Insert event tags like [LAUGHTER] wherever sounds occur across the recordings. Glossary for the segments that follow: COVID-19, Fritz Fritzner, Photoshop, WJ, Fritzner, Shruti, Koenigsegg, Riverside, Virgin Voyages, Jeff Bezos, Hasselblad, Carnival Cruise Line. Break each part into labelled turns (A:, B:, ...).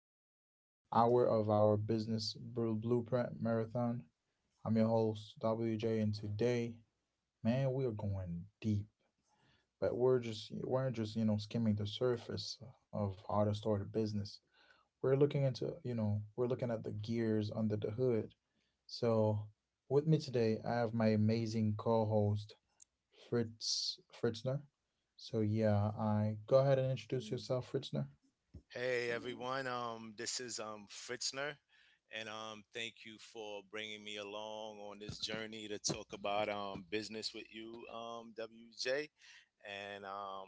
A: first hour of our Business Blueprint Marathon. I'm your host, WJ, and today, man, we are going deep. But we're just skimming the surface of how to start a business. We're looking into, you know, we're looking at the gears under the hood. So with me today, I have my amazing co-host Fritzner. So yeah, I go ahead and introduce yourself, Fritzner.
B: Hey everyone, this is Fritzner, and thank you for bringing me along on this journey to talk about business with you, WJ. And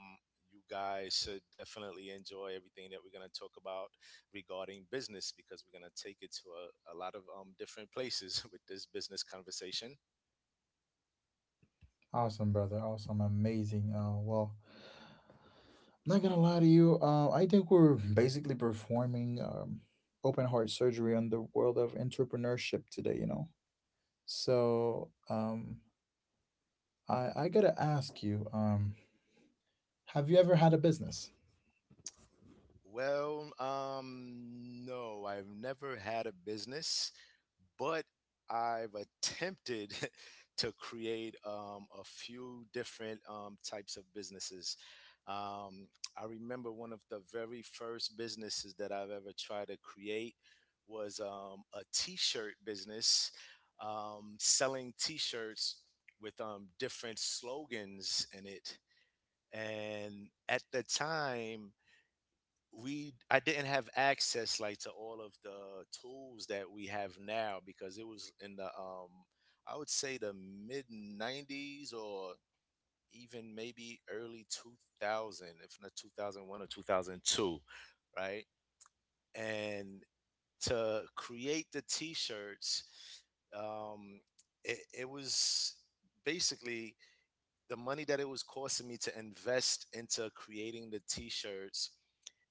B: You guys should definitely enjoy everything that we're going to talk about regarding business because we're going to take it to a lot of different places [LAUGHS] with this business conversation.
A: Awesome, brother. Awesome, amazing. Well, I'm not gonna lie to you. I think we're basically performing open heart surgery on the world of entrepreneurship today. So I gotta ask you. Have you ever had a business?
B: Well, no, I've never had a business, but I've attempted [LAUGHS] to create a few different types of businesses. Um, I remember one of the very first businesses that I've ever tried to create was a t-shirt business, selling t-shirts with different slogans in it. And at the time, we I didn't have access like to all of the tools that we have now because it was in the I would say the mid 90s, or even maybe early 2000, if not 2001 or 2002, right? And to create the t-shirts, um it was basically the money that it was costing me to invest into creating the t-shirts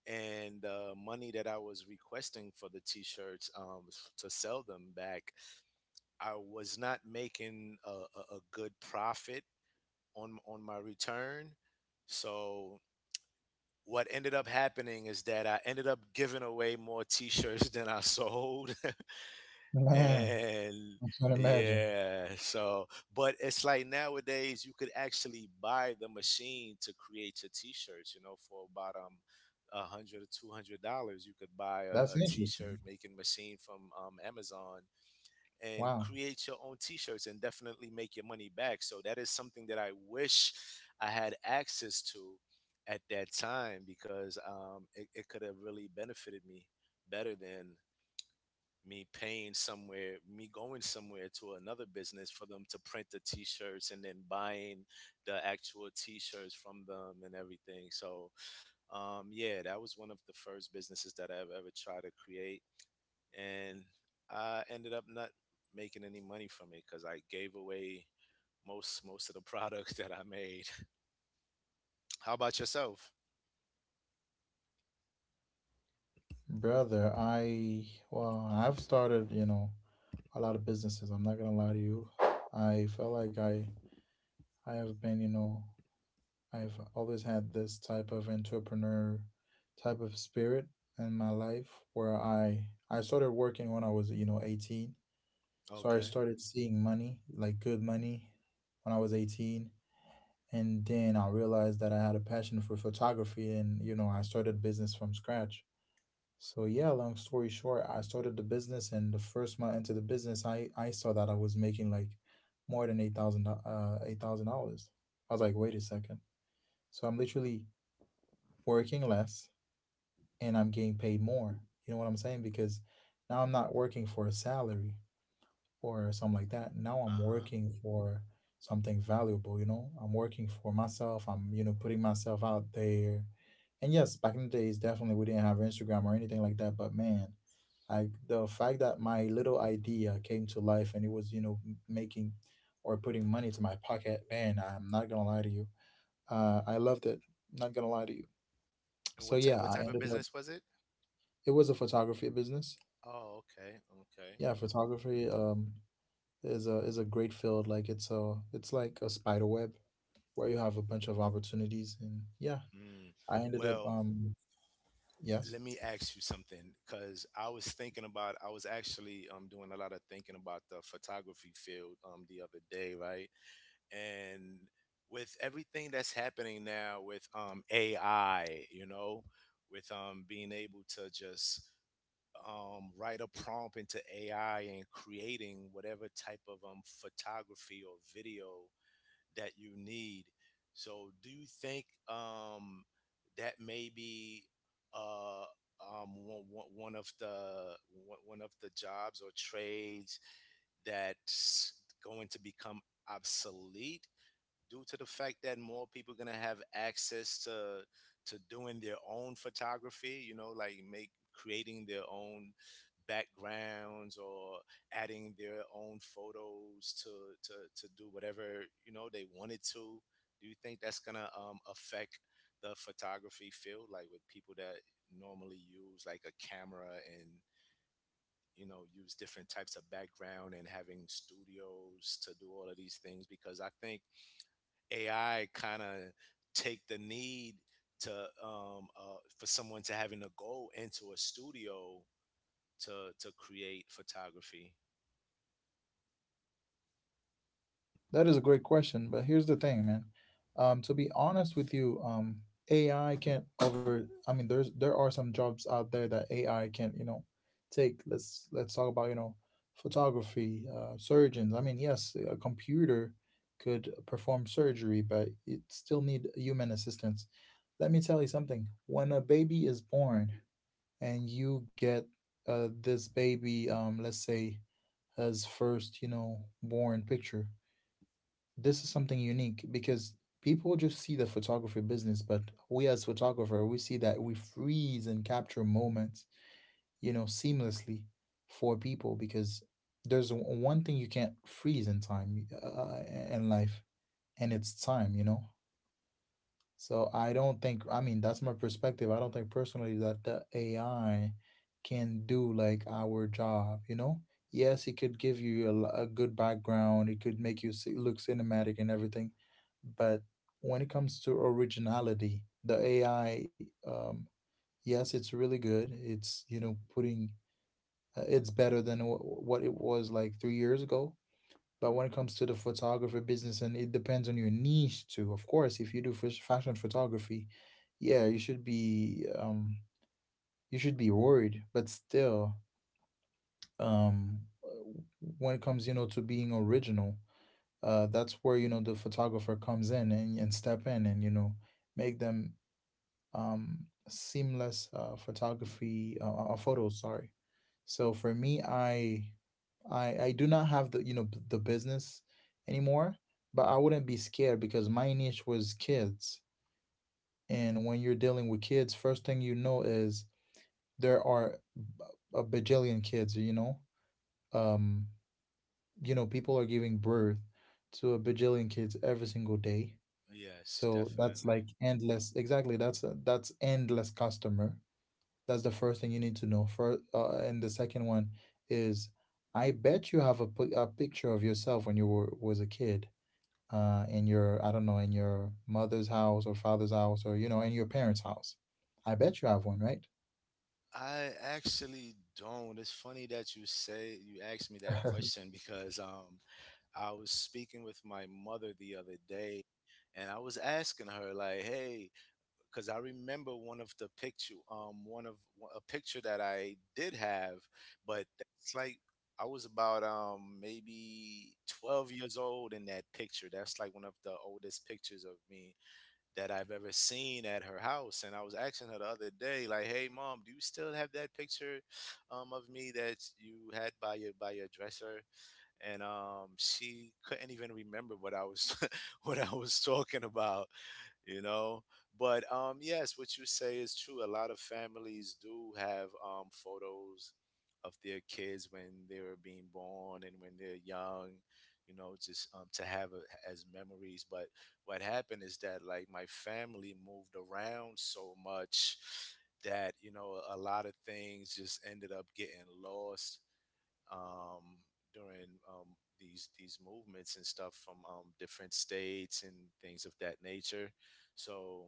B: and the money that I was requesting for the t-shirts, to sell them back. I was not making a good profit on my return. So what ended up happening is that I ended up giving away more t-shirts [LAUGHS] than I sold. [LAUGHS]
A: Man,
B: And
A: I can imagine.
B: yeah, so but it's like nowadays you could actually buy the machine to create your t-shirts, you know, for about $100 or $200. You could buy a,
A: That's
B: a
A: interesting.
B: t-shirt making machine from Amazon and
A: Wow.
B: create your own t-shirts and definitely make your money back. So that is something that I wish I had access to at that time because it could have really benefited me better than me paying somewhere, me going somewhere to another business for them to print the t-shirts and then buying the actual t-shirts from them and everything. So, yeah, that was one of the first businesses that I've ever tried to create, and I ended up not making any money from it because I gave away most of the [LAUGHS] products that I made. [LAUGHS] How about yourself?
A: Brother, well, I've started, you know, a lot of businesses. I'm not gonna lie to you. I felt like I have been, you know, I've always had this type of entrepreneur type of spirit in my life where I started working when I was, you know, 18. So I
B: Okay.
A: started seeing money, like good money, when I was 18. And then I realized that I had a passion for photography, and, I started business from scratch. So yeah, long story short, I started the business, and the first month into the business, I saw that I was making like more than 8000 uh, $8,000. I was like, wait a second. So I'm literally working less, and I'm getting paid more. You know what I'm saying? Because now I'm not working for a salary or something like that. Now I'm
B: Uh huh.
A: working for something valuable, you know. I'm working for myself. I'm, putting myself out there. And yes, back in the days, definitely we didn't have Instagram or anything like that. But man, like, the fact that my little idea came to life, and it was, you know, making or putting money to my pocket, man, I'm not gonna lie to you. I loved it. Not gonna lie to you.
B: And
A: So yeah,
B: what
A: I
B: type of
A: ended up.
B: business was it?
A: It was a photography business.
B: Oh, okay, okay.
A: Yeah, photography. Is a great field. Like, it's like a spider web where you have a bunch of opportunities. And yeah,
B: Hmm.
A: I ended up,
B: Well,
A: yes.
B: let me ask you something because I was actually doing a lot of thinking about the photography field the other day, right? And with everything that's happening now with AI, you know, with being able to just write a prompt into AI and creating whatever type of photography or video that you need. So, do you think that may be uh, um, one, one one of the one of the jobs or trades that's going to become obsolete due to the fact that more people are gonna have access to doing their own photography, you know, like make creating their own backgrounds or adding their own photos to do whatever you know they wanted to. Do you think that's gonna affect the photography field, like with people that normally use like a camera and you know use different types of background and having studios to do all of these things? Because I think AI kind of take the need to, for someone to having a goal into a studio to create photography.
A: That is a great question, but here's the thing, man. To be honest with you, AI can't over. I mean, there are some jobs out there that AI can't, take. Let's talk about, photography, surgeons. I mean, yes, a computer could perform surgery, but it still need human assistance. Let me tell you something. When a baby is born and you get, this baby, let's say, his first, born picture, this is something unique, because people just see the photography business, but we as photographer, we see that we freeze and capture moments, seamlessly for people, because there's one thing you can't freeze in time, in life, and it's time, you know. So I don't think, I mean, that's my perspective. I don't think personally that the AI can do like our job, you know? Yes, it could give you a, a good background, it could make you look cinematic and everything, but when it comes to originality, the AI, yes, it's really good. It's, you know, putting, it's better than what it was like 3 years ago. But when it comes to the photographer business, and it depends on your niche too. Of course, if you do fashion photography, yeah, you should be worried. But still, um, when it comes, to being original, that's where, you know, the photographer comes in, and step in, and, you know, make them, seamless, photography, photos. Sorry. So for me, I do not have the you know b- the business anymore, but I wouldn't be scared because my niche was kids, and when you're dealing with kids, first thing you know is there are, a bajillion kids. Um, you know, people are giving birth to a bajillion kids every single day.
B: Yes,
A: So that's
B: definitely.
A: like endless. Exactly, that's endless customer. That's the first thing you need to know. And the second one is, I bet you have a, a picture of yourself when you were was a kid, in your, I don't know, in your mother's house or father's house, or, you know, in your parents' house. I bet you have one, right?
B: I actually don't. It's funny that you asked me that
A: [LAUGHS]
B: question [LAUGHS] because I was speaking with my mother the other day, and I was asking her like, "Hey, because I remember one of a picture that I did have, but it's like I was about maybe 12 years old in that picture. That's like one of the oldest pictures of me that I've ever seen at her house." And I was asking her the other day, like, "Hey, mom, do you still have that picture of me that you had by your dresser?" And she couldn't even remember what I was [LAUGHS] what I was talking about, you know. But yes, what you say is true. A lot of families do have photos of their kids when they were being born and when they're young, you know, just to have as memories. But what happened is that like my family moved around so much that you know a lot of things just ended up getting lost, um, during these movements and stuff from different states and things of that nature. So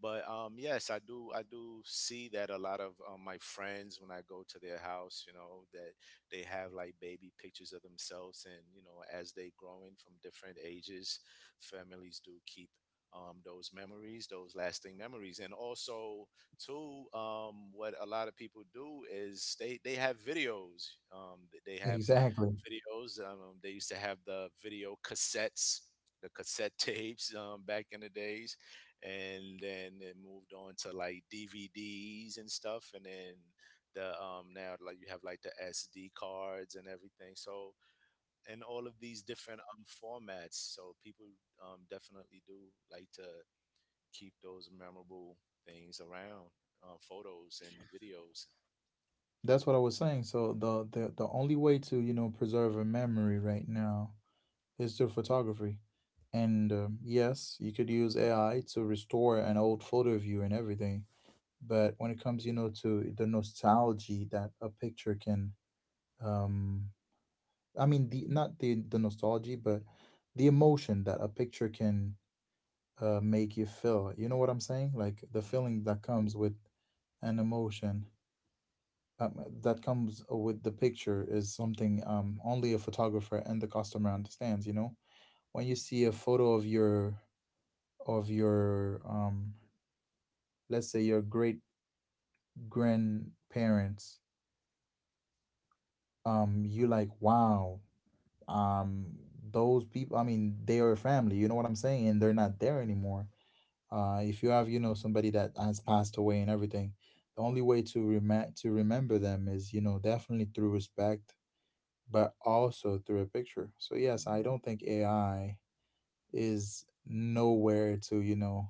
B: but yes, I do see that a lot of my friends, when I go to their house, you know, that they have like baby pictures of themselves and, you know, as they growing from different ages, families do keep those memories, those lasting memories. And also too, what a lot of people do is they have videos, they have
A: Exactly.
B: videos, they used to have the video cassettes, the cassette tapes, back in the days, and then it moved on to like DVDs and stuff, and then the now like you have like the SD cards and everything. So and all of these different formats. So people definitely do like to keep those memorable things around, photos and videos.
A: That's what I was saying. So the only way to, you know, preserve a memory right now is through photography, and, yes, you could use AI to restore an old photo of you and everything. But when it comes, you know, to the nostalgia that a picture can, um I mean, the not the nostalgia, but the emotion that a picture can, make you feel, you know what I'm saying, like the
B: Hmm.
A: feeling that comes with an emotion, that comes with the picture is something, only a photographer and the customer understands, you know, when you see a photo of your, let's say, your great grandparents, you like, wow, um those people, I mean, they are family, you know what I'm saying, and they're not there anymore. If you have, you know, somebody that has passed away and everything, the only way to to remember them is, you know, definitely through respect, but also through a picture. So yes, I don't think AI is nowhere to,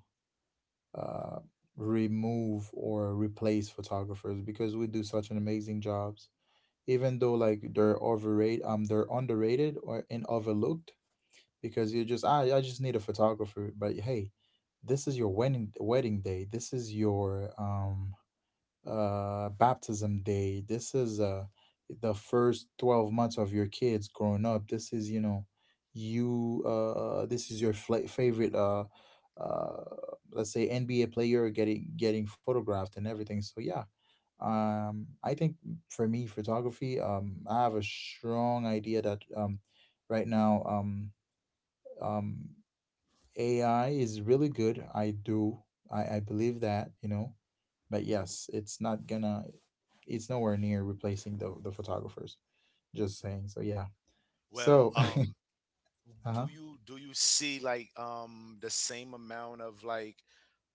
A: uh remove or replace photographers, because we do such an amazing jobs, even though, like, they're overrated, they're underrated, or and overlooked, because you're just I just need a photographer. But hey, this is your wedding day. This is your, baptism day. This is, the first 12 months of your kids growing up. This is, your favorite, uh let's say, NBA player getting photographed and everything. So yeah. I think for me, photography, I have a strong idea that, right now, um AI is really good. I do. I believe that. But yes, it's not gonna it's nowhere near replacing the photographers. Just saying. So yeah.
B: Well,
A: So [LAUGHS] uh-huh.
B: do you see like the same amount of like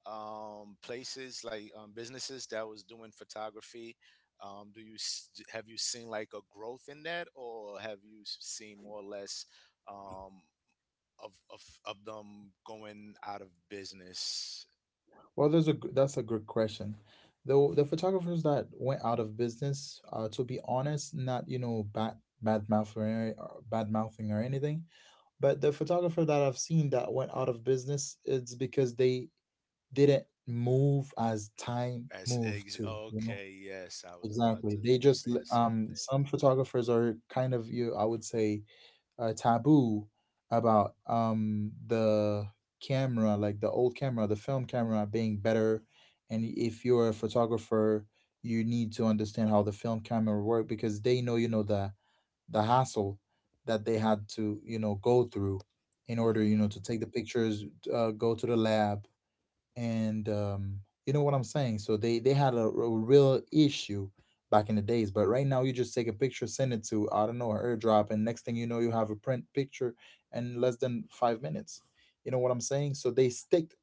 B: places like businesses that was doing photography? Do you s- d- Have you seen like a growth in that, or have seen more or less um, of, of them going out of business?
A: Well, that's a good question. The photographers that went out of business, to be honest, not, bad mouth, or, or bad mouthing, or anything, but the photographer that I've seen that went out of business, it's because they didn't move as time moved too. You know.
B: Okay, yes, I was about
A: Exactly.
B: to
A: They just,
B: say the same thing.
A: some photographers are kind of, you, I would say, taboo about, the camera, like the old camera, the film camera being better. And if you're a photographer, you need to understand how the film camera work, because they know, the hassle that they had to, go through in order,
B: Mm-hmm.
A: to take the pictures, go to the lab, and, you know what I'm saying. So they had a real issue back in the days, but right now you just take a picture, send it to, I don't know, AirDrop, and next thing you know, you have a print picture in less than 5 minutes. You know what I'm saying? So they sticked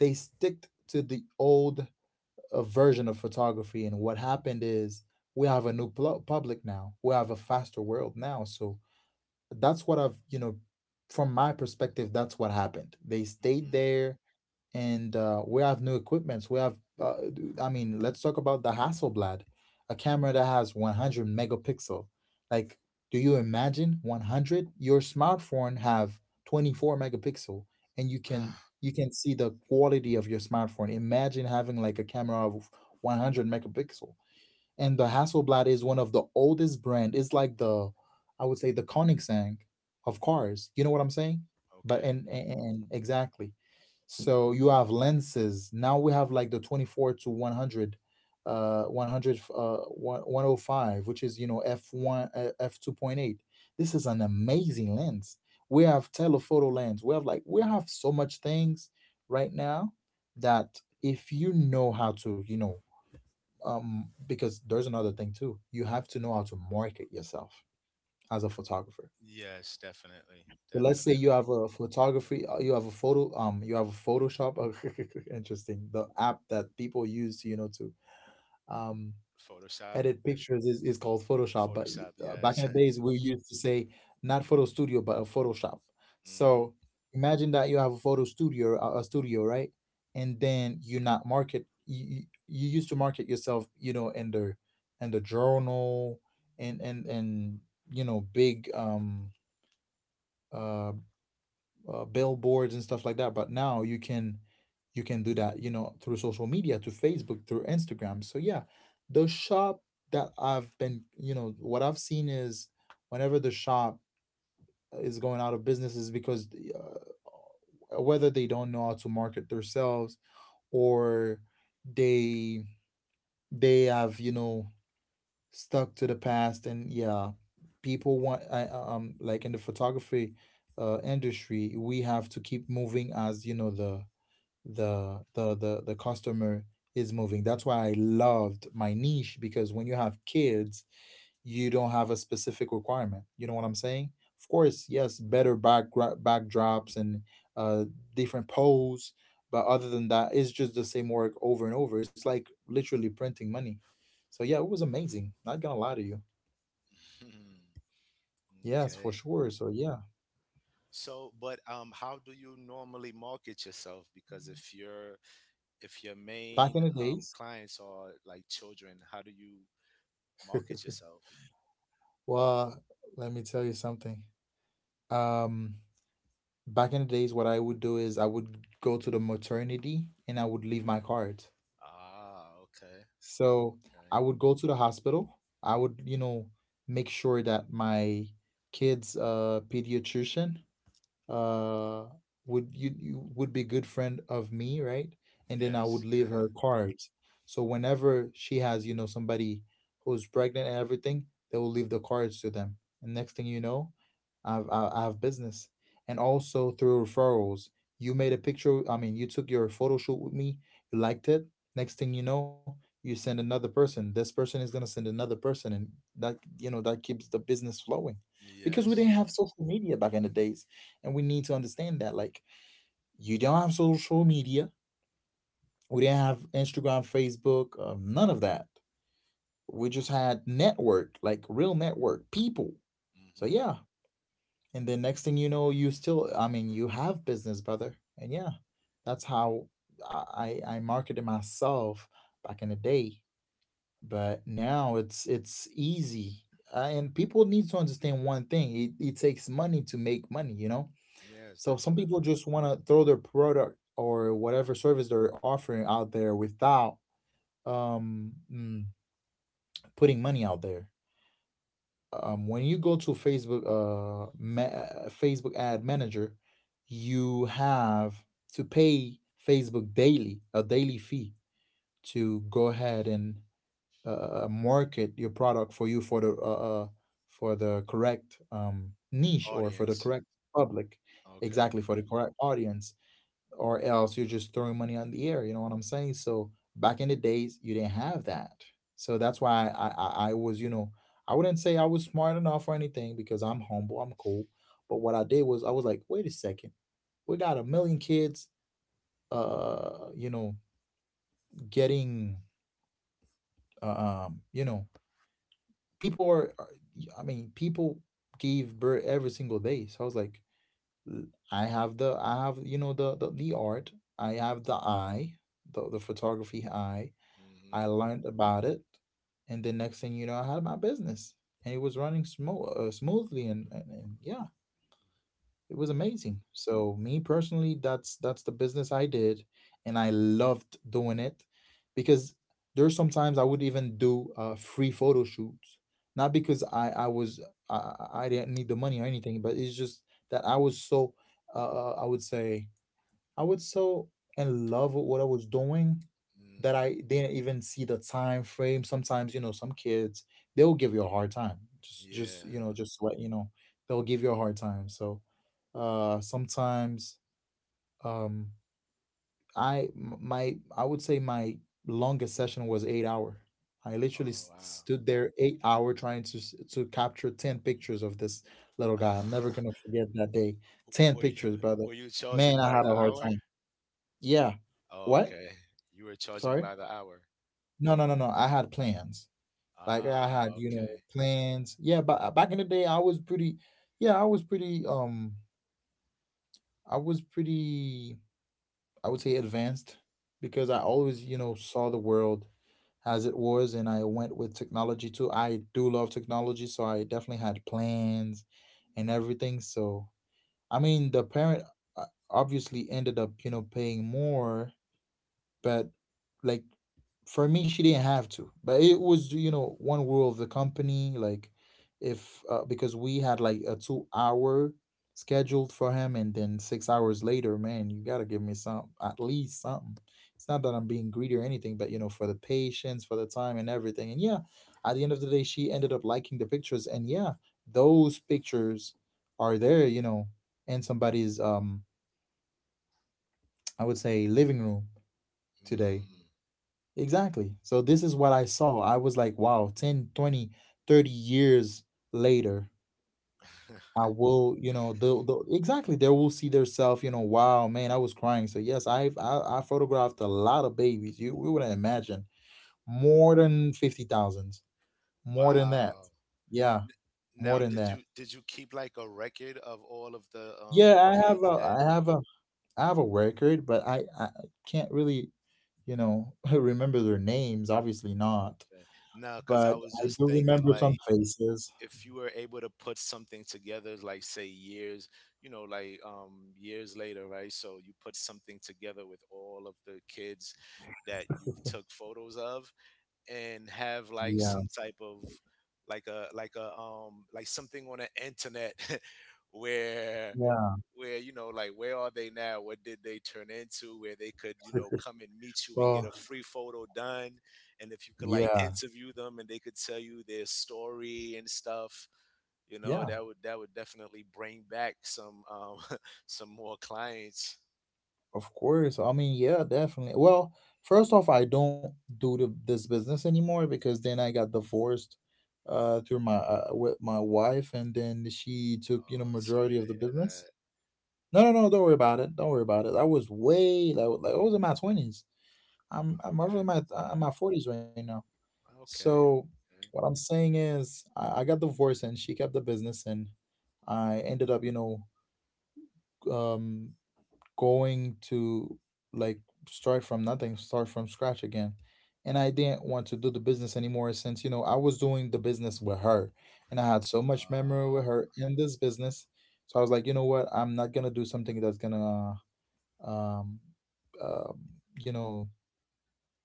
A: they sticked to the old, version of photography, and what happened is we have a new public now. We have a faster world now, so that's what I've you know from my perspective, that's what happened. They stayed
B: Mm-hmm.
A: there, and, we have new equipments. I mean, let's talk about the Hasselblad, a camera that has 100 megapixel. Like, do you imagine 100? Your smartphone have 24 megapixel, and you can
B: [SIGHS]
A: you can see the quality of your smartphone. Imagine having like a camera of 100 megapixel, and the Hasselblad is one of the oldest brand. It's like I would say, the Koenigsegg of cars. You know what I'm saying? But,
B: Okay.
A: and exactly. So you have lenses. Now we have like the 24 to 100, 100, one o five, which is, you know, f1, f2.8. This is an amazing lens. We have telephoto lens. We have like we have so much things right now that if you know how to, because there's another thing too, you have to know how to market yourself as a photographer.
B: Yes, definitely,
A: So let's say you
B: definitely.
A: have a photography you have a photo you have a photoshop. [LAUGHS] Interesting, the app that people use, you know, to um
B: Photoshop.
A: edit pictures is called Photoshop. But
B: Photoshop.
A: back in
B: Yes.
A: the days,
B: [LAUGHS]
A: we used to say not photo studio but a Photoshop.
B: Mm-hmm.
A: So imagine that you have a photo studio, a studio, right? And then you not market you, you you used to market yourself, you know, in the journal and you know, big uh billboards and stuff like that. But now you can do that, you know, through social media, through Facebook, through Instagram. So yeah, the shop that I've been, you know, what I've seen is, whenever the shop is going out of business, is because whether they don't know how to market themselves, or they they have, you know, stuck to the past. And yeah, people want like in the photography industry, we have to keep moving as, you know, the customer is moving. That's why I loved my niche, because when you have kids, you don't have a specific requirement, you know what I'm saying? Of course, yes, better backdrops and uh different pose, but other than that, it's just the same work over and over. It's like literally printing money. So yeah, it was amazing. Not gonna lie to you.
B: [LAUGHS]
A: Yes, for
B: Okay.
A: sure. So yeah,
B: So, but how do you normally market yourself? Because if your
A: back in
B: main
A: the days,
B: clients are like children, how do you market yourself?
A: well, let me tell you something. Um, Back in the days, what I would do is I would go to the maternity and I would leave my card.
B: Ah, okay,
A: So
B: okay,
A: I would go to the hospital. I would, you know, make sure that my kid's pediatrician uh would you would be good friend of me, right? And then I
B: yes,
A: would leave
B: [LAUGHS]
A: her cards. So whenever she has, you know, somebody who's pregnant and everything, they will leave the cards to them. And next thing you know, I have business. And also through referrals, you made a picture, I mean, you took your photo shoot with me, you liked it, next thing you know, you send another person, this person is going to send another person, and that, you know, that keeps the business flowing. Because we
B: yes,
A: didn't have social media back in the days, and we need to understand that, like, you don't have social media. We didn't have Instagram, Facebook, none of that. We just had network, like real network, people. So
B: mm-hmm.
A: yeah. And then next thing you know, you still, I mean, you have business, brother. And yeah, that's how I marketed myself back in the day. But now it's easy, and people need to understand one thing: it takes money to make money, you know.
B: Yes,
A: So some
B: definitely.
A: people just want to throw their product or whatever service they're offering out there without um mm, putting money out there. When you go to Facebook Facebook ad manager, you have to pay Facebook daily a daily fee to go ahead and market your product for you for the correct niche, or for the
B: Audience.
A: correct public,
B: Okay,
A: exactly, for the correct audience. Or else you're just throwing money on the air. You know what I'm saying? So back in the days, you didn't have that. So that's why I was, you know, I wouldn't say I was smart enough or anything, because I'm humble, I'm cool. But what I did was I was like, wait a second, we got a million kids, you know, getting, you know, people are, are- I mean, people give birth every single day. So I was like, "L- I have I have, you know, the art, I have the eye, the photography eye. I
B: mm-hmm.
A: learned about it, and the next thing you know, I had my business, and it was running smoothly, and, yeah, it was amazing. So me personally, that's the business I did, and I loved doing it, because there's sometimes I would even do free photo shoots, not because I didn't need the money or anything, but it's just that I was so, I would say I was so in love with what I was doing that
B: Mm,
A: I didn't even see the time frame. Sometimes, you know, some kids, they'll give you a hard time. Just
B: yeah.
A: you know, just let you know, they'll give you a hard time. So sometimes um I would say my longest session was 8 hour. I literally
B: Oh
A: stood there 8 hour trying to to capture 10 pictures of this little guy. I'm never
B: wow.
A: gonna forget that day.
B: [LAUGHS]
A: Ten
B: were you
A: pictures, brother.
B: were you
A: Man,
B: charging
A: I
B: by
A: had
B: the
A: a hard
B: hour?
A: time. Yeah. What?
B: Okay, you were charging
A: Sorry?
B: by the hour.
A: No, no, no, no, I had plans. Like I had,
B: Ah,
A: you know,
B: okay.
A: plans. Yeah, but back in the day, I was pretty. Yeah, I was pretty. I was pretty, I would say, advanced, because I
B: Okay.
A: always, you know, saw the world as it was, and I went with technology too. I do love technology, so I definitely had plans and everything. So I mean, the parent uh, obviously ended up, you know, paying more, but like for me she didn't have to. But it was, you know, one rule of the company, like if because we had like a 2 hour scheduled for him, and then 6 hours later, man, you gotta give me some, at least something. It's not that I'm being greedy or anything, but you know, for the patience, for the time and everything. And yeah, at the end of the day, she ended up liking the pictures. And yeah, those pictures are there, you know, in somebody's I would say living room today.
B: Mm.
A: Exactly. So this is what I saw. I was like, wow, 10, 20, 30 years later, I
B: [LAUGHS]
A: will, you know, they will see themselves, you know, wow, man, I was crying. So yes, I photographed a lot of babies. You we wouldn't imagine, more than 50,000, more than that.
B: Wow.
A: Yeah,
B: N-
A: more
B: Now,
A: than that.
B: did you keep like a record of all of the
A: Yeah,
B: kids that?
A: I have a record, but I can't really, you know, [LAUGHS] remember their names, obviously not,
B: Okay. No, because I
A: but
B: was
A: I
B: just
A: do
B: thinking
A: remember some
B: like
A: faces.
B: if you were able to put something together, like say years, you know, like years later, right? So you put something together with all of the kids that you've took photos of, and have
A: Yeah,
B: like some type of like something on the internet [LAUGHS] where
A: yeah.
B: where, you know, like where are they now, what did they turn into, where they could, you know,
A: [LAUGHS]
B: come and meet you and get a
A: Well,
B: free photo done, and if you could like
A: yeah,
B: interview them and they could tell you their story and stuff, you know,
A: yeah,
B: that would definitely bring back some [LAUGHS] some more clients.
A: of course. I mean, yeah, definitely. Well, first off, I don't do this business anymore, because then I got divorced through my with my wife, and then she took, you know,
B: Oh, sorry
A: majority
B: to
A: of the
B: hear
A: business.
B: that.
A: No, no, no, don't worry about it. Don't worry about it. I was way like I was in my 20s. I'm over
B: Okay,
A: in my 40s right now.
B: okay,
A: So, what
B: okay.
A: I'm saying is I got divorced and she kept the business, and I ended up, you know, um going to, like, start from nothing, start from scratch again. And I didn't want to do the business anymore since, you know, I was doing the business with her, and I had so much memory
B: Uh,
A: with her in this business. So I was like, you know what? I'm not going to do something that's going to, um, um, you know,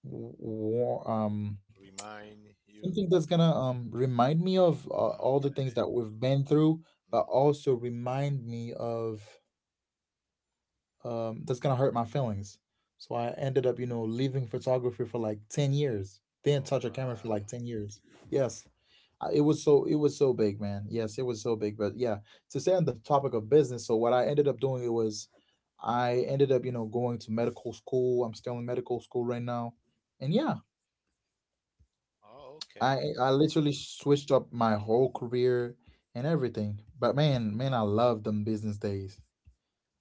A: w- war, um,
B: Remind you?
A: something that's going to remind me of all the
B: Okay.
A: things that we've been through, but
B: Hmm.
A: also remind me of that's gonna hurt my feelings. So I ended up, you know, leaving photography for like 10 years. Didn't
B: Oh,
A: touch a camera for
B: wow.
A: like 10 years. Yes, it was so, it was so big, man. Yes, it was so big. But yeah, to stay on the topic of business, so what I ended up doing it was, I ended up, you know, going to medical school. I'm still in medical school right now, and yeah,
B: Oh, okay.
A: I literally switched up my whole career and everything. But man, man, I love them business days.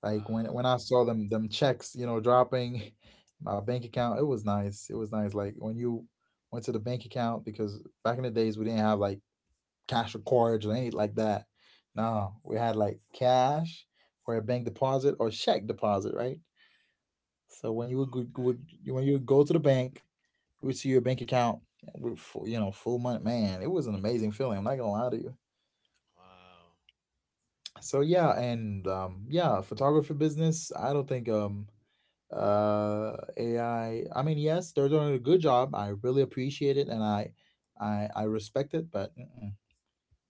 A: Like when
B: Wow.
A: I saw them checks, you know, dropping [LAUGHS] my bank account. It was nice. It was nice. Like when you went to the bank account, because back in the days we didn't have like cash or cards or anything like that. No, we had like cash or a bank deposit or check deposit, right? So when you would,
B: Okay.
A: when you would go to the bank, you would see your bank account, with you know, full money. Man, it was an amazing feeling. I'm not gonna lie to you.
B: Wow.
A: So yeah, and yeah, photography business. I don't think AI, I mean, yes, they're doing a good job. I really appreciate it, and I respect it. But mm-mm.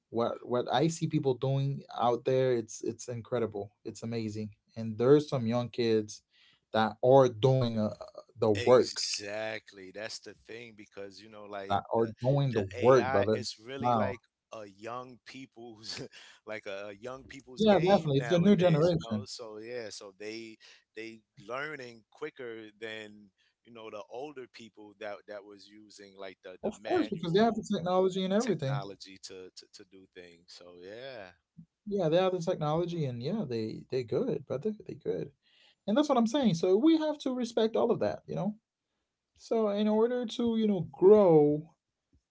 A: What I see people doing out there, it's incredible. It's amazing, and there's some young kids that are doing the work.
B: Exactly. That's the thing because you know, like
A: That are
B: the
A: doing the
B: the
A: work,
B: AI,
A: brother.
B: it's really
A: Wow.
B: like a young people's [LAUGHS] like a young people's
A: Yeah,
B: game
A: definitely. It's the new
B: nowadays. You know,
A: generation,
B: so yeah, so they learning quicker than you know the older people that was using like the
A: of course, because they have the
B: manual
A: technology and everything.
B: technology to do things. So yeah.
A: Yeah, they have the technology, and yeah, they good, brother. They good. And that's what I'm saying. So we have to respect all of that, you know? So in order to, you know, grow,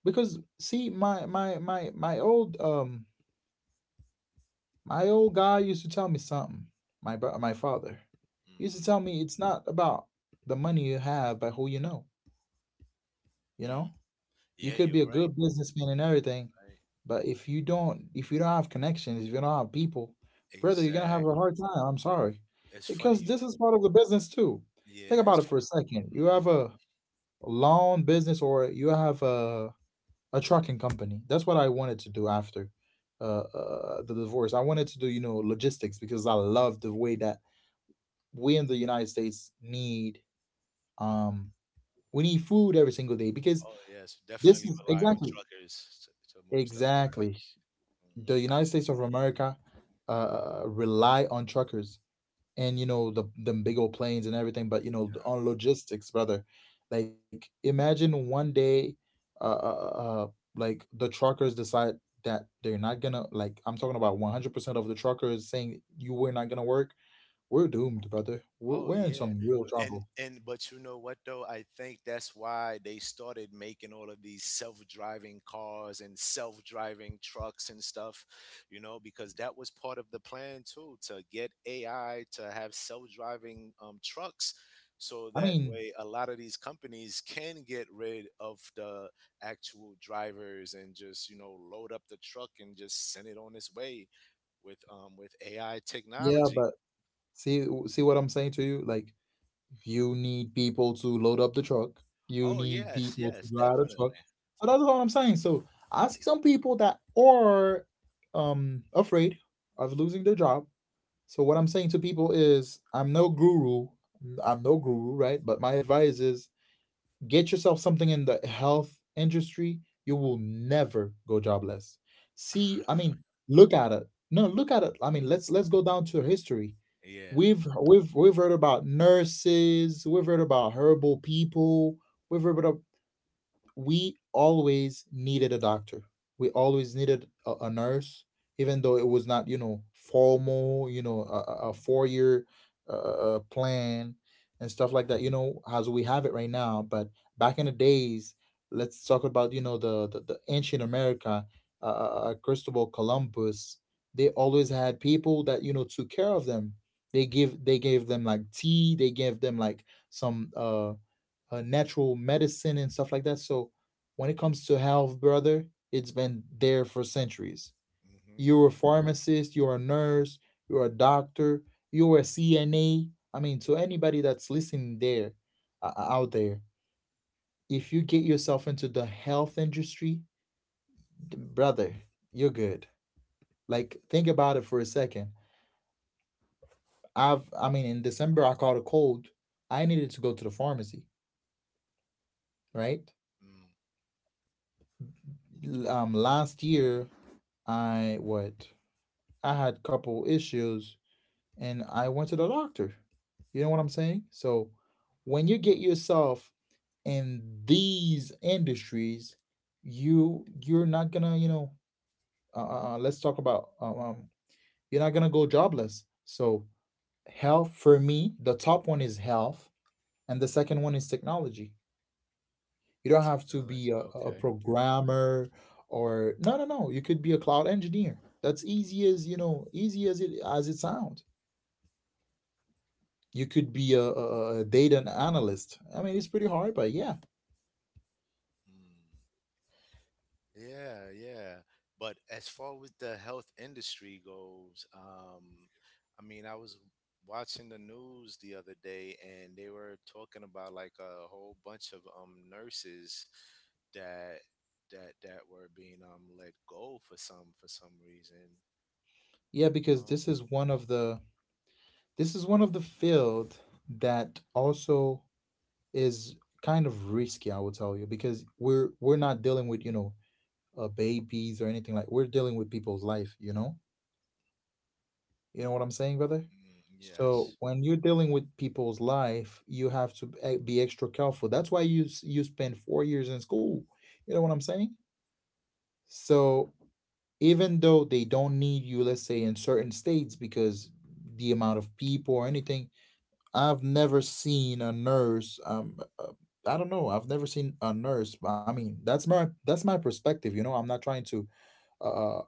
A: because see my my my my old guy used to tell me something. My father used
B: Hmm.
A: to tell me it's not about the money you have, but who you know, you
B: Mm.
A: know? You
B: Yeah,
A: could be a
B: you're right.
A: good businessman and everything,
B: Right.
A: but if you don't have connections, if you don't have people, brother, you're gonna have a
B: Exactly.
A: hard time. I'm sorry.
B: It's funny
A: Because
B: you.
A: this is part of the business too. Think
B: Yeah.
A: about it
B: It's,
A: for a second. You
B: mhm.
A: have a lawn business, or you have a trucking company. That's what I wanted to do after the divorce. I wanted to do, you know, logistics because I love the way that we in the United States need um we need food every single day because
B: Oh yes,
A: this
B: definitely
A: is
B: rely on
A: exactly
B: truckers to, to move stuff around.
A: exactly
B: Mm-hmm.
A: the United States of America rely on truckers and you know the them big old planes and everything, but you know, on logistics, brother. Like imagine one day, uh, uh, uh, uh, like the truckers decide that they're not gonna like. I'm talking about 100% of the truckers saying you were not gonna work. We're doomed, brother. We're,
B: Oh
A: we're in
B: yeah.
A: some real trouble.
B: And But you know what though? I think that's why they started making all of these self-driving cars and self-driving trucks and stuff, you know, because that was part of the plan too, to get AI to have self-driving trucks, so
A: I
B: that
A: mean,
B: way a lot of these companies can get rid of the actual drivers and just, you know, load up the truck and just send it on its way with AI
A: yeah,
B: technology.
A: but see what I'm saying to you, like you need people to load up the truck. You
B: Oh
A: need
B: yes,
A: people to
B: yes,
A: drive the truck.
B: definitely.
A: So that's all I'm saying. So I see some people that are afraid of losing their job. So what I'm saying to people is I'm no guru. I'm no guru, right? But my advice is get yourself something in the health industry. You will never go jobless. See, I
B: Mhm.
A: mean, look at it. No, look at it. I mean, let's go down to history.
B: Yeah.
A: We've heard about nurses, we've heard about herbal people, we've heard about we always needed a doctor. We always needed a nurse, even though it was not, you know, formal, you know, a four-year plan and stuff like that, you know, as we have it right now. But back in the days, let's talk about, you know, the ancient America, Cristobal Columbus, they always had people that, you know, took care of them. They gave them like tea, they gave them like some natural medicine and stuff like that. So when it comes to health, brother, it's been there for centuries.
B: Hmm.
A: You're a pharmacist, you're a nurse, you're a doctor, you're a CNA. I mean, to anybody that's listening there, out there, if you get yourself into the health industry, brother, you're good. Like, think about it for a second. I mean, in December, I caught a cold. I needed to go to the pharmacy, right?
B: Mm.
A: Last year, I what I had a couple issues and I went to the doctor. You know what I'm saying? So when you get yourself in these industries, you're not gonna you know let's talk about you're not gonna go jobless. So health for me, the top one is health, and the second one is technology. You don't have to be
B: Technology.
A: a,
B: Okay.
A: programmer or no. You could be a cloud engineer. That's easy, as you know, easy as it sounds. You could be a, data analyst. I mean, it's pretty hard, but yeah,
B: Mm. Yeah. Yeah. But as far as the health industry goes, I mean, I was watching the news the other day, and they were talking about like a whole bunch of nurses that that were being let go for some reason.
A: yeah,
B: You
A: because
B: know.
A: this is one of the field that also is kind of risky. I will tell you because we're not dealing with you know babies or anything like. We're dealing with people's life. You know what I'm saying, brother.
B: Mm,
A: So
B: yes.
A: when you're dealing with people's life, you have to be extra careful. That's why you spend 4 years in school. You know what I'm saying? So even though they don't need you, let's say in certain states because the amount of people or anything, I've never seen a nurse. I don't know. I've never seen a nurse. I mean, that's my perspective. You know, I'm not trying to uh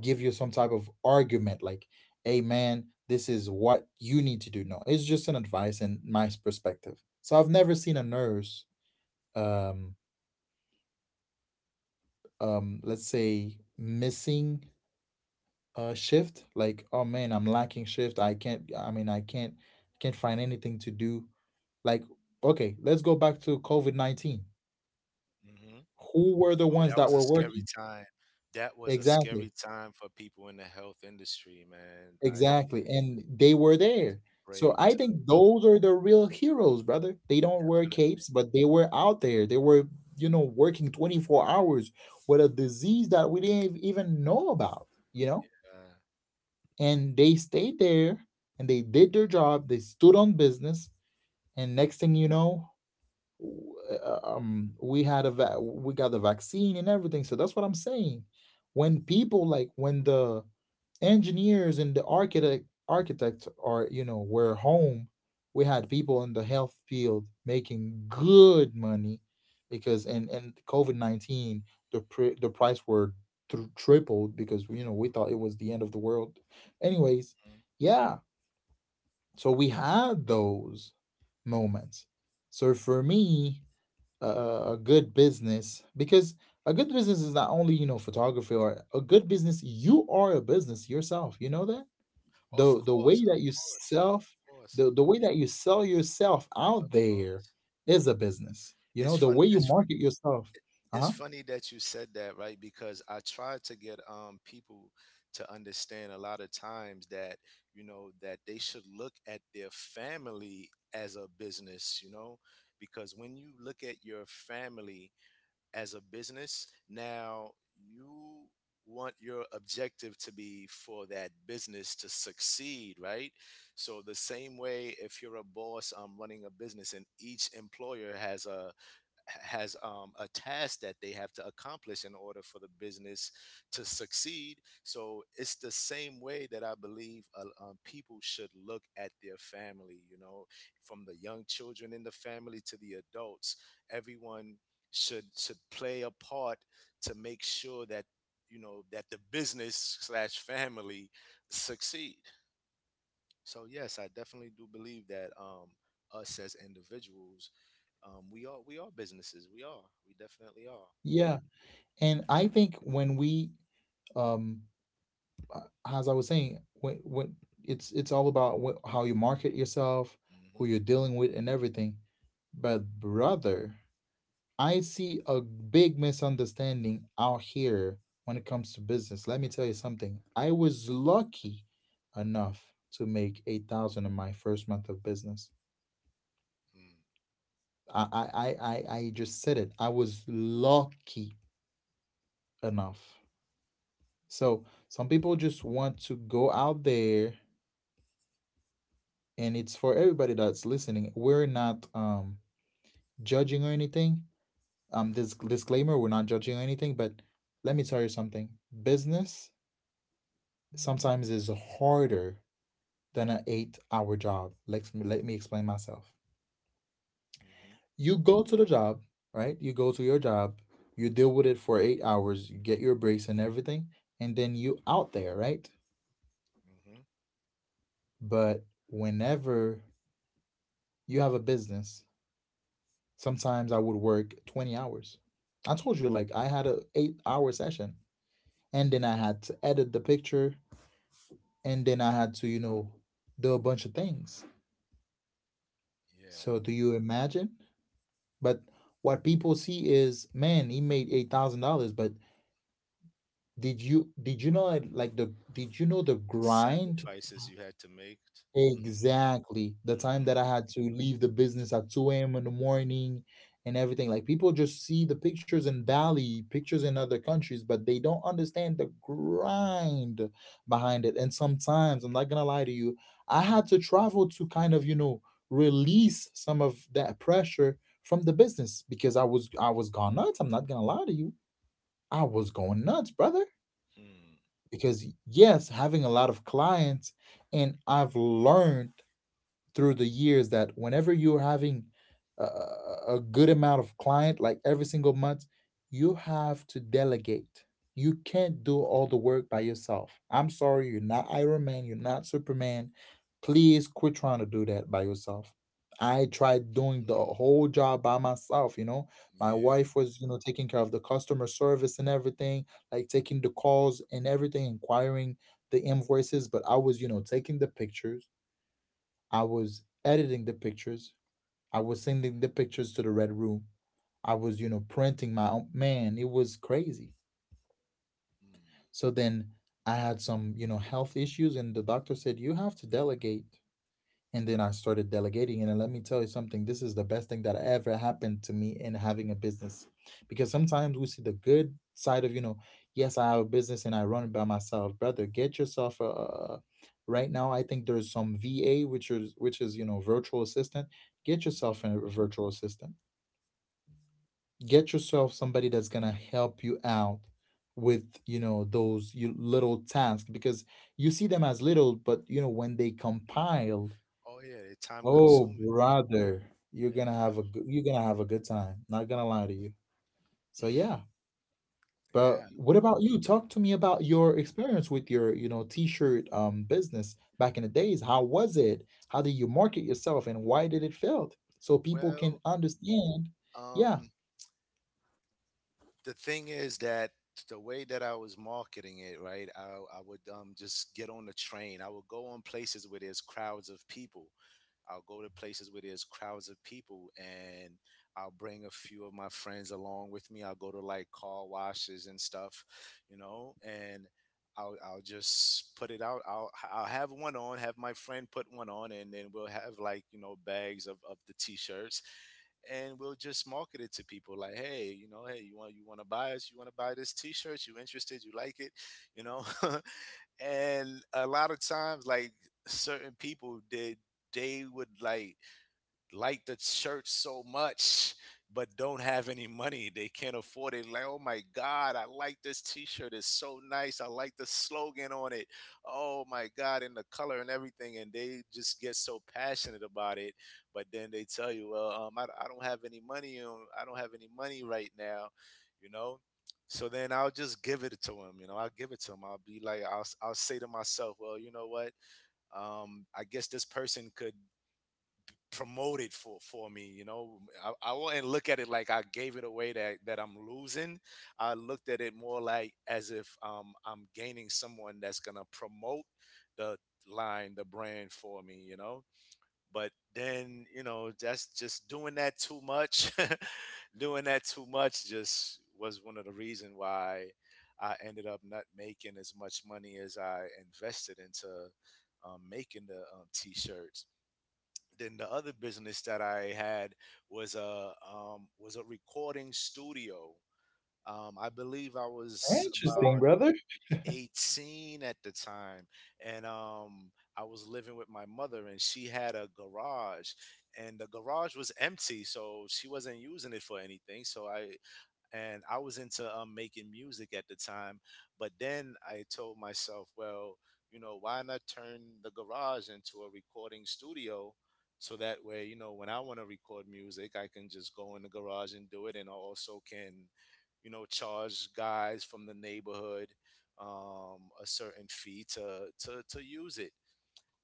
A: give you some type of argument like, "Hey, man, this is what you need to do." No, it's just an advice and my perspective. So I've never seen a nurse. Um, let's say missing shift like, oh man, I'm lacking shift, I can't, I mean, I can't find anything to do, like, okay, let's go back to COVID-19.
B: Mm-hmm.
A: Who were the
B: Oh,
A: ones
B: that
A: that
B: was a
A: were
B: scary
A: working?
B: time. That was a
A: Exactly,
B: scary time for people in the health industry, man. I
A: exactly, and they were
B: had to
A: there.
B: be
A: So
B: brave
A: I
B: to,
A: think those are the real heroes, brother. They don't wear
B: definitely.
A: capes, but they were out there, they were, you know, working 24 hours with a disease that we didn't even know about, you know,
B: Uh,
A: and they stayed there and they did their job. They stood on business, and next thing you know, we had a we got the vaccine and everything. So that's what I'm saying. When people, like, when the engineers and the architects are, you know, were home, we had people in the health field making good money because in COVID-19 the price were tripled because, you know, we thought it was the end of the world. Anyways,
B: mhm.
A: yeah, so we had those moments. So for me, uh, a good business because a good business is not only, you know, photography. Or a good business, you are a business yourself. You know that
B: Of
A: the the way
B: course, of
A: that you
B: course, of
A: self
B: course,
A: the way that you sell yourself
B: of
A: out there
B: course.
A: is a business. You
B: It's
A: know, the
B: fun.
A: way you
B: It's
A: market yourself. Uh
B: it's
A: huh.
B: funny that you said that, right? Because I try to get people to understand a lot of times that you know that they should look at their family as a business, you know, because when you look at your family as a business. Now, you want your objective to be for that business to succeed, right? So, the same way if you're a boss running a business and each employer has a task that they have to accomplish in order for the business to succeed. So it's the same way that I believe people should look at their family, you know, from the young children in the family to the adults. Everyone should play a part to make sure that you know that the business slash family succeed. So yes, I definitely do believe that us as individuals, we are businesses. We are. We definitely are.
A: Yeah, and I think when we um uh, as I was saying, when it's all about what, how you market yourself, who
B: Mm-hmm.
A: you're dealing with, and everything. But brother, I see a big misunderstanding out here when it comes to business. Let me tell you something. I was lucky enough to make 8,000 in my first month of business.
B: Mm-hmm.
A: I I I just said it. I was lucky enough. So some people just want to go out there, and it's for everybody that's listening. We're not judging or anything. This disclaimer: we're not judging or anything. But let me tell you something: business sometimes is harder than an eight-hour job. Let me explain myself.
B: Mm-hmm.
A: You go to the job, right? You go to your job. You deal with it for 8 hours. You get your breaks and everything, and then you out there, right?
B: Mm-hmm.
A: But whenever you have a business, sometimes I would work 20 hours. I told you, like I had a 8-hour session, and then I had to edit the picture, and then I had to, you know, do a bunch of things. So
B: Yeah.
A: do you imagine? But what people see is, man, he made $8,000, but did you know the grind?
B: Sacrifices you had to make. Mm-hmm.
A: Exactly. The time that I had to leave the business at 2 a.m. in the morning and everything. Like, people just see the pictures in Bali, pictures in other countries, but they don't understand the grind behind it. And sometimes, I'm not gonna lie to you, I had to travel to kind of, you know, release some of that pressure from the business because I was gone nuts. I'm not gonna lie to you. I was going nuts, brother.
B: Mm-hmm.
A: Because yes, having a lot of clients, and I've learned through the years that whenever you're having a, good amount of client like every single month, you have to delegate. You can't do all the work by yourself. I'm sorry, you're not Iron Man, you're not Superman. Please quit trying to do that by yourself. I tried doing the
B: [LAUGHS]
A: whole job by myself, you know, my
B: Yeah.
A: wife was, you know, taking care of the customer service and everything, like taking the calls and everything, inquiring the invoices, but I was, you know, taking the pictures. I was editing the pictures. I was sending the pictures to the red room. I was, you know, printing my own. Man, it was crazy.
B: Mm-hmm.
A: So then I had some, you know, health issues, and the doctor said, you have to delegate. And then I started delegating. And let me tell you something, this is the best thing that ever happened to me in having a business. Because sometimes we see the good side of, you know, yes, I have a business and I run it by myself. Brother, get yourself a right now I think there's some VA, which is virtual assistant. Get yourself
B: Mm-hmm.
A: a virtual assistant. Get yourself somebody that's going to help you out with those you little tasks, because you see them as little, but you know when they compile.
B: Oh yeah. They're time
A: Oh,
B: consuming.
A: brother,
B: Yeah.
A: you're gonna have a good time. Not gonna lie to you. So yeah,
B: [LAUGHS]
A: but
B: Yeah.
A: what about you? Talk to me about your experience with your, t-shirt business back in the days. How was it? How did you market yourself, and why did it fail? So people can
B: Well,
A: understand. Yeah,
B: um, the thing is that the way that I was marketing it, right? I would just get on the train. I would go on places where there's crowds of people. I'll go to places where there's crowds of people and I'll bring a few of my friends along with me. I'll go to like car washes and stuff, you know, and I'll just put it out. I'll have one on, have my friend put one on, and then we'll have like, you know, bags of the t shirts and we'll just market it to people like, hey, you know, hey, you want to buy us, you want to buy this t-shirt, you interested, you like it, you know. [LAUGHS] And a lot of times like certain people they would like the church so much but don't have any money. They can't afford it. Like, oh my God, I like this t-shirt. It's so nice. I like the slogan on it. Oh my God, and the color and everything. And they just get so passionate about it. But then they tell you, well, I don't have any money. I don't have any money right now, you know? So then I'll just give it to him, you know, I'll give it to him. I'll be like, I'll say to myself, well, you know what? I guess this person could promoted for me, you know. I wouldn't look at it like I gave it away, that I'm losing. I looked at it more like as if I'm gaining someone that's gonna promote the line, the brand for me, you know. But then you know that's just doing that too much. [LAUGHS] Doing that too much just was one of the reason why I ended up not making as much money as I invested into making the t-shirts. Then the other business that I had was a recording studio. I believe I was
A: interesting,
B: about
A: brother. Of
B: 18 at the time, and I was living with my mother, and she had a garage, and the garage was empty, so she wasn't using it for anything. So I and I was into making music at the time. But then I told myself, well, you know, why not turn the garage into a recording studio? So that way, you know, when I want to record music, I can just go in the garage and do it. And I also can, you know, charge guys from the neighborhood a certain fee to use it.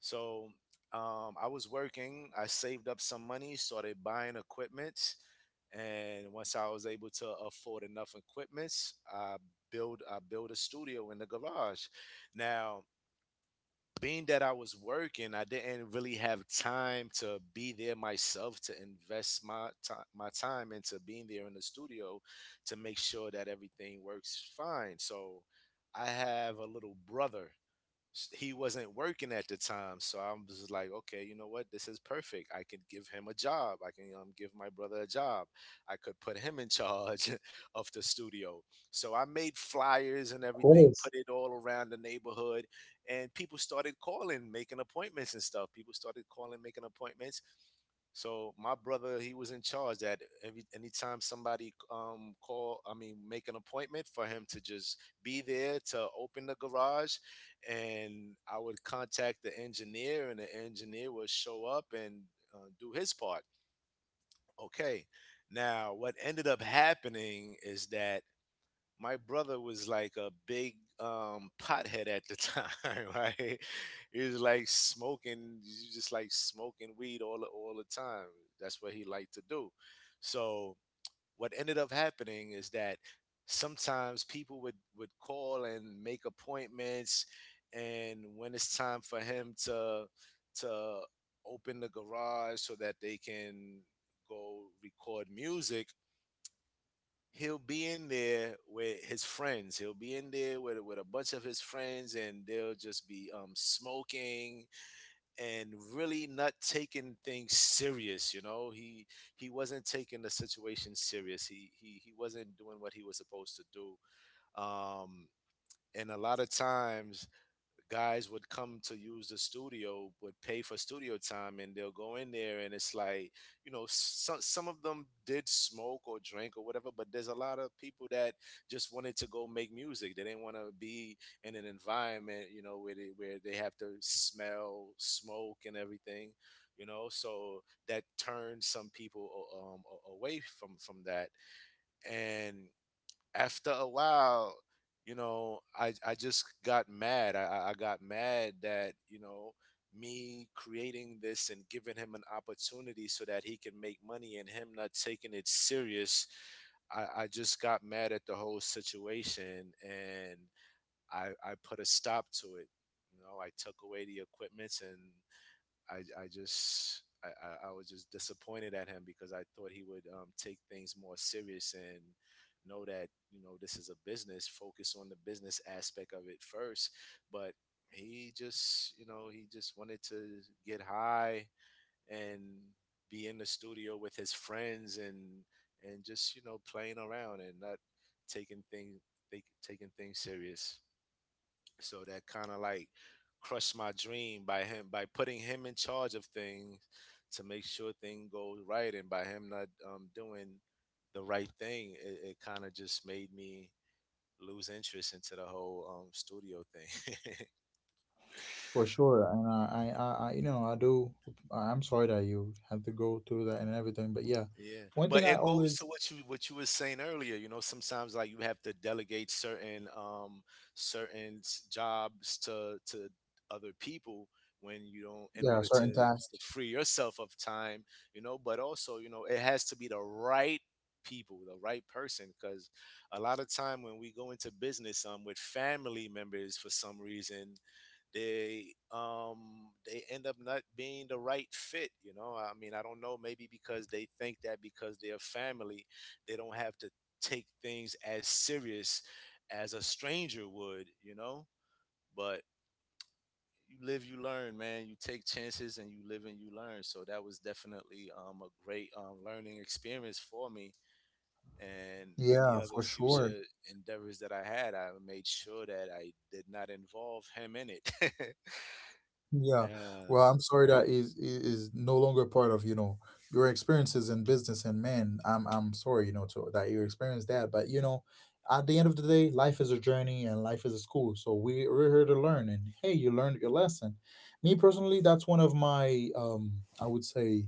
B: So I was working. I saved up some money, started buying equipment, and once I was able to afford enough equipment, I build I built a studio in the garage. Now, being that I was working, I didn't really have time to be there myself to invest my time into being there in the studio to make sure that everything works fine. So I have a little brother. He wasn't working at the time, so I was like, okay, you know what, this is perfect, I could give him a job, I can give my brother a job, I could put him in charge [LAUGHS] of the studio. So I made flyers and everything,
A: course.
B: put it all around the neighborhood, and people started calling making appointments and stuff, people started calling making appointments so my brother, he was in charge that every anytime somebody call, I mean, make an appointment for him to just be there to open the garage, and I would contact the engineer, and the engineer would show up and do his part. Okay. Now, what ended up happening is that my brother was like a big pothead at the time, [LAUGHS] right? He was like smoking, he was just like smoking weed all the time. That's what he liked to do. So what ended up happening is that sometimes people would call and make appointments, and when it's time for him to open the garage so that they can go record music, he'll be in there with a bunch of his friends, and they'll just be smoking and really not taking things serious, you know. He wasn't taking the situation serious, he wasn't doing what he was supposed to do. um and a lot of times guys would come to use the studio, would pay for studio time, and they'll go in there and it's like, you know, some of them did smoke or drink or whatever, but there's a lot of people that just wanted to go make music, they didn't want to be in an environment, you know, where they have to smell smoke and everything, you know. So that turned some people away from that. And after a while, you know, I just got mad. I got mad that, you know, me creating this and giving him an opportunity so that he can make money and him not taking it serious. I just got mad at the whole situation, and I put a stop to it. You know, I took away the equipment, and I, I was just disappointed at him because I thought he would take things more serious and know that, you know, this is a business. Focus on the business aspect of it first, but he just, you know, he just wanted to get high and be in the studio with his friends and just, you know, playing around and not taking things taking things serious. So that kind of like crushed my dream by him, by putting him in charge of things to make sure things go right, and by him not doing the right thing, it kind of just made me lose interest into the whole studio thing. [LAUGHS]
A: For sure. And I do. I'm sorry that you had to go through that and everything, but yeah,
B: Yeah,
A: one
B: but
A: thing I
B: it goes to
A: always,
B: what you were saying earlier. You know, sometimes like you have to delegate certain jobs to other people when you don't in
A: yeah,
B: order
A: certain task.
B: to free yourself of time. You know, but also you know it has to be the right people, the right person, because a lot of time when we go into business with family members for some reason they end up not being the right fit, you know, I mean, I don't know, maybe because they think that because they're family they don't have to take things as serious as a stranger would, you know. But you live you learn, man, you take chances and you live and you learn, so that was definitely a great learning experience for me. And any
A: Yeah,
B: other
A: for sure.
B: future endeavors that I had, I made sure that I did not involve him in it. [LAUGHS]
A: Yeah,
B: Yeah.
A: well, I'm sorry that is no longer part of, your experiences in business, and man, I'm sorry, to that you experienced that, but at the end of the day, life is a journey and life is a school. So we're here to learn, and hey, you learned your lesson. Me personally, that's one of my I would say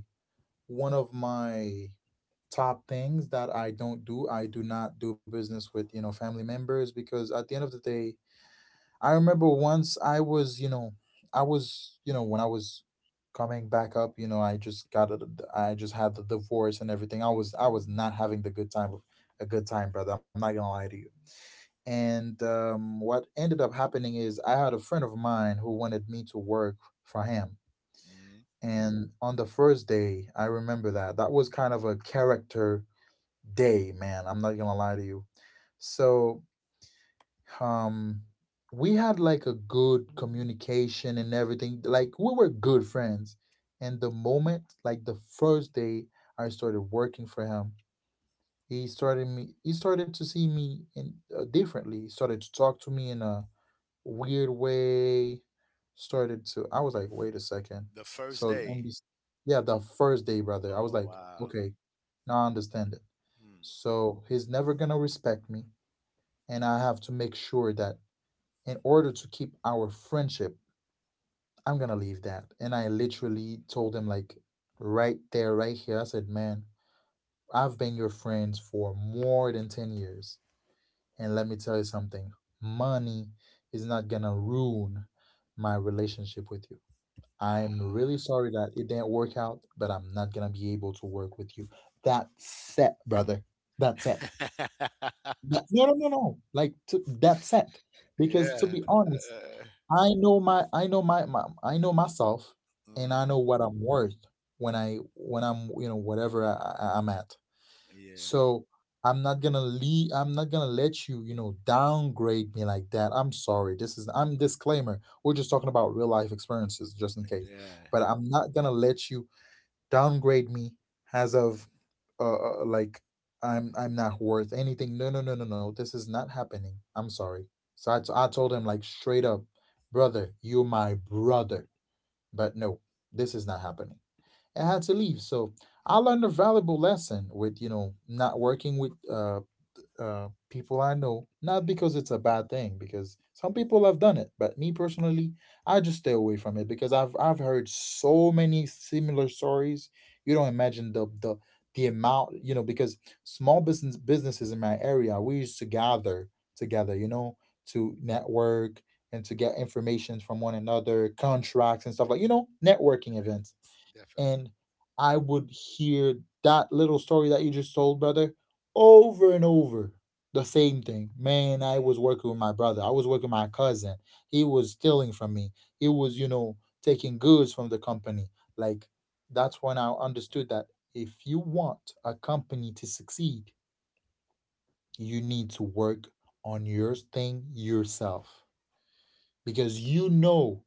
A: one of my top things that I don't do. I do not do business with, family members, because at the end of the day, I remember once I was, you know, I was, you know, when I was coming back up, I just had the divorce and everything. I was not having a good time, brother. I'm not gonna lie to you. And what ended up happening is I had a friend of mine who wanted me to work for him.
B: Mm-hmm.
A: And on the first day, I remember that that was kind of a character day, man. I'm not gonna lie to you. So um we had like a good communication and everything, like we were good friends. And the moment, like the first day, I started working for him, he started to see me in, differently. He started to talk to me in a weird way, started to I was like, wait a second.
B: The first
A: so and
B: day.
A: this, yeah, the first day, brother, I was
B: Oh
A: like,
B: wow.
A: okay, now I understand it.
B: Hmm.
A: So he's never gonna respect me, and I have to make sure that in order to keep our friendship, I'm gonna leave that. And I literally told him, like, right there, right here, I said, Man, I've been your friend for more than 10 years. And let me tell you something, money is not gonna ruin my relationship with you. I'm
B: Ah.
A: really sorry that it didn't work out, but I'm not gonna be able to work with you. That's it, brother. That's it.
B: [LAUGHS]
A: No, no, no, no. That's it. Because to
B: Yeah.
A: be honest,
B: Uh,
A: I know myself, and I
B: mhm.
A: know what I'm worth when I'm whatever I'm at.
B: Yeah.
A: So I'm not gonna let you, downgrade me like that. I'm sorry. This is, I'm disclaimer. We're just talking about real life experiences, just in case.
B: Yeah.
A: But I'm not gonna let you downgrade me as of, uh, like, I'm not worth anything. No, no, no, no, no. This is not happening. I'm sorry. So I told him, like, straight up, brother, you're my brother. But no, this is not happening. I had to leave. So I learned a valuable lesson with, not working with, people I know. Not
B: Hmm.
A: because it's a bad thing, because some people have done it, but me personally, I just stay away from it, because I've heard so many similar stories. You don't imagine the amount, because small businesses in my area, we used to gather together, to network and to get information from one another, contracts and stuff, like, networking events.
B: Definitely.
A: And I would hear that little story that you just told, brother, over and over. The same thing. Man, I
B: Mhm.
A: was working with my brother. I was working with my cousin. He was stealing from me. He was, taking goods from the company. Like, that's when I understood that if you want a company to succeed, you need to work on your thing yourself, because you know,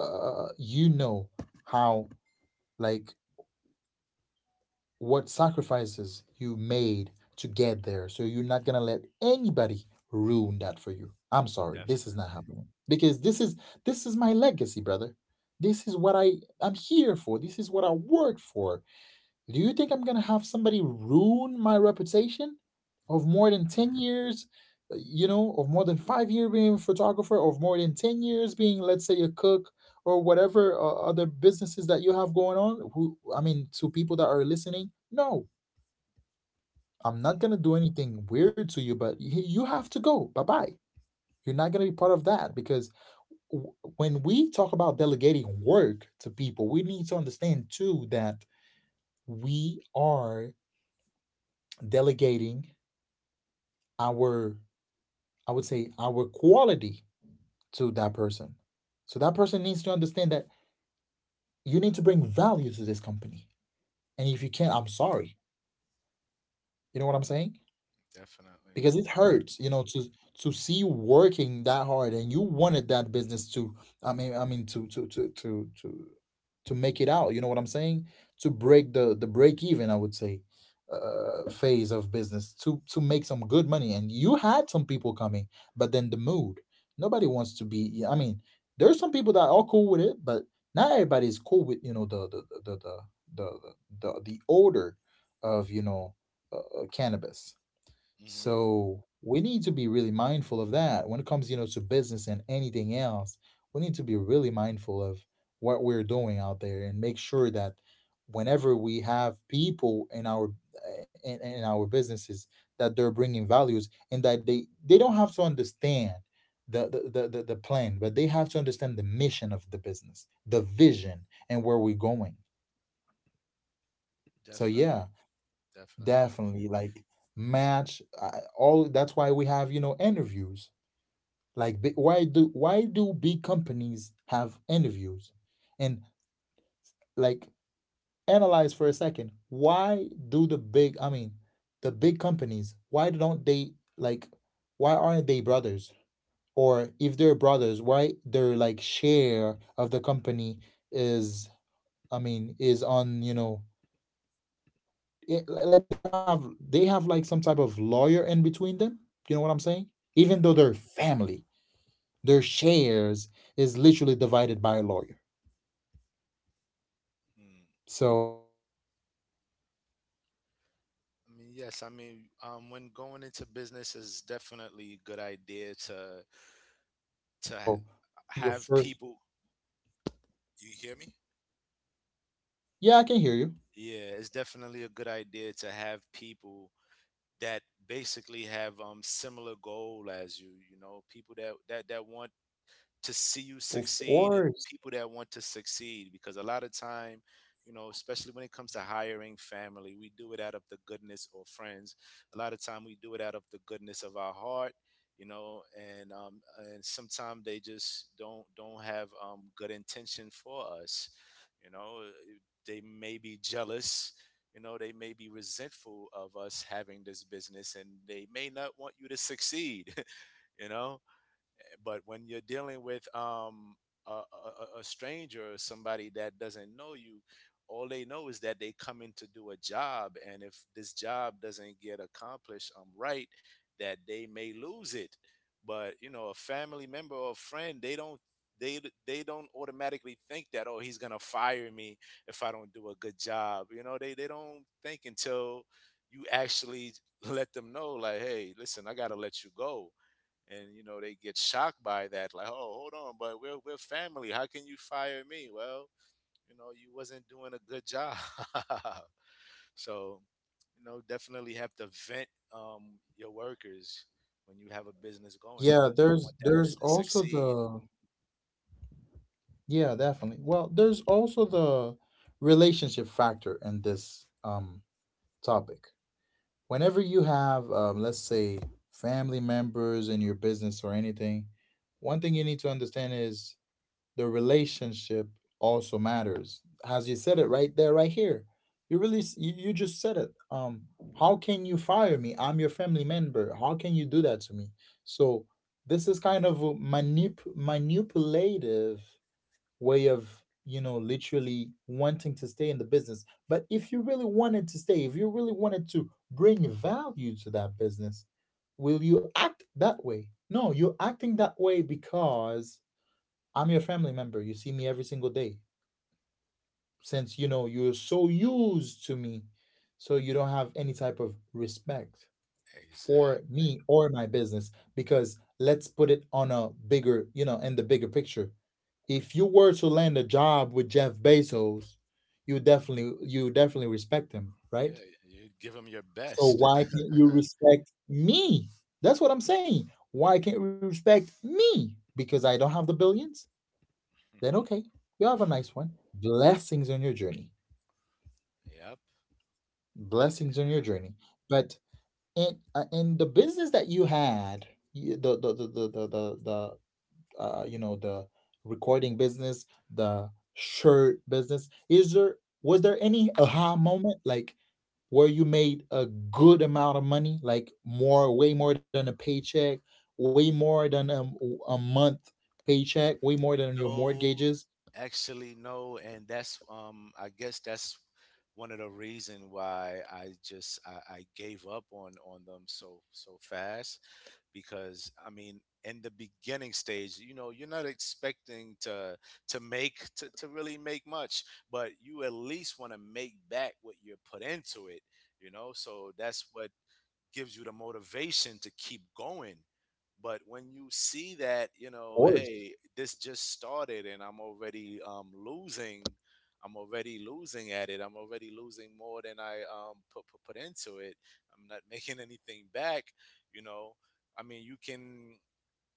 A: uh, you know how, like, what sacrifices you made to get there. So you're not gonna let anybody ruin that for you. I'm sorry, this is not
B: Definitely.
A: happening, because this is my legacy, brother. This is what I'm here for. This is what I work for. Do you think I'm gonna have somebody ruin my reputation of more than 10 years, of more than 5 years being a photographer, of more than 10 years being, let's say, a cook, or whatever other businesses that you have going on? Who, I mean, to people that are listening, no, I'm not
B: Mhm.
A: gonna do anything weird to you, but you have to go. Bye bye. You're not gonna be part of that, because when we talk about delegating work to people, we need to understand too that we are delegating our, I would say, our quality to that person. So that person needs to understand that you need to bring value to this company, and if you can't, I'm sorry, you know what I'm saying.
B: Definitely.
A: Because it
B: Definitely.
A: hurts, to see you working that hard, and you wanted that business to I mean to make it out, you know what I'm saying, to break the, break even I would say, phase of business, to make some good money, and you had some people coming, but then the mood. Nobody wants to be. Yeah, I mean, there's some people that are cool with it, but not everybody's cool with, the, the order of, cannabis.
B: Hmm.
A: So we need to be really mindful of that when it comes, to business and anything else. We need to be really mindful of what we're doing out there, and make sure that whenever we have people in our businesses, that they're bringing values, and that they don't have to understand the plan, but they have to understand the mission of the business, the vision, and where we're going. So
B: Definitely.
A: yeah.
B: Definitely.
A: Definitely, like, match all. That's why we have, interviews. Like, why do big companies have interviews? And, like, analyze for a second. Why do the big? I mean, the big companies. Why don't they like? Why aren't they brothers? Or if they're brothers, why their, like, share of the company is? I mean, is on, it, like, they have, like, some type of lawyer in between them, you know what I'm saying,
B: Hmm.
A: even though their family, their shares is literally divided by a lawyer. So we have to be really mindful of that. But
B: I mean,
A: other
B: yes.
A: than
B: I mean,
A: that,
B: when going into
A: um
B: business is definitely a good idea
A: when you start your,
B: to
A: when you
B: ha-
A: started your
B: have
A: first.
B: people. You hear me?
A: Yeah, I can hear you.
B: Yeah, it's definitely a good idea to have people that basically have similar goal as you, you know, people that want to see you
A: Of
B: succeed, and
A: course.
B: people that want to succeed. Because a lot of time, you know, especially when it comes to hiring family, we do it out of the goodness, or friends, a lot of time we do it out of the goodness of our heart, you know, and sometimes they just don't have good intention for us, you know. They may be jealous, you know, they may be resentful of us having this business, and they may not want you to succeed. [LAUGHS] You know, but when you're dealing with a stranger or somebody that doesn't know you, all they know is that they come in to do a job, and if this job doesn't get accomplished right, that they may lose it. But you know, a family member or a friend, they they don't automatically think that, oh, he's gonna fire me if I don't do a good job. You know, they don't think until you actually let them know, like, hey, listen, I gotta let you go. And you know, they get shocked by that, like, oh, hold on, but we're family, how can you fire me? Well, you know, you wasn't doing a good job. [LAUGHS] So you know, definitely have to vent your workers when you have a business going,
A: Yeah,
B: because you
A: there's
B: want that
A: there's
B: business to
A: also
B: succeed.
A: the. Yeah, definitely. Well, there's also the relationship factor in this topic. Whenever you have, let's say, family members in your business or anything, one thing you need to understand is the relationship also matters. As you said it right there, right here, you really you just said it: How can you fire me? I'm your family member. How can you do that to me? So this is kind of a manipulative way of, literally wanting to stay in the business. But if you really wanted to stay if you really wanted to bring value to that business, will you act that way? No, you're acting that way because I'm your family member. You see me every single day. Since you're so used to me, so you don't have any type of respect for
B: Exactly.
A: me or my business, because let's put it on a bigger you know in the bigger picture. If you were to land a job with Jeff Bezos, you definitely respect him,
B: Yeah,
A: right?
B: you give them your
A: So
B: best.
A: why
B: [LAUGHS]
A: can't you respect me? That's what I'm saying. Why can't you respect me? Because I don't have the billions? Then okay, you have a nice one. Blessings on your journey.
B: Yep.
A: Blessings on your journey. But in the business that you had, you- the you know the recording business, the shirt business, is there— was there any aha moment, like where you made a good amount of money, like more— way more than a paycheck, way more than a month paycheck, way more than your
B: No,
A: mortgages?
B: actually, no, and that's I guess that's one of the reason why I just I gave up on them so fast, because I mean, in the beginning stage, you know, you're not expecting to to really make much, but you at least want to make back what you put into it, you know, so that's what gives you the motivation to keep going. But when you see that, you
A: Of
B: know,
A: course.
B: hey, this just started and I'm already losing, I'm already losing at it. I'm already losing more than I put into it. I'm not [LAUGHS] making anything back, you know. I mean,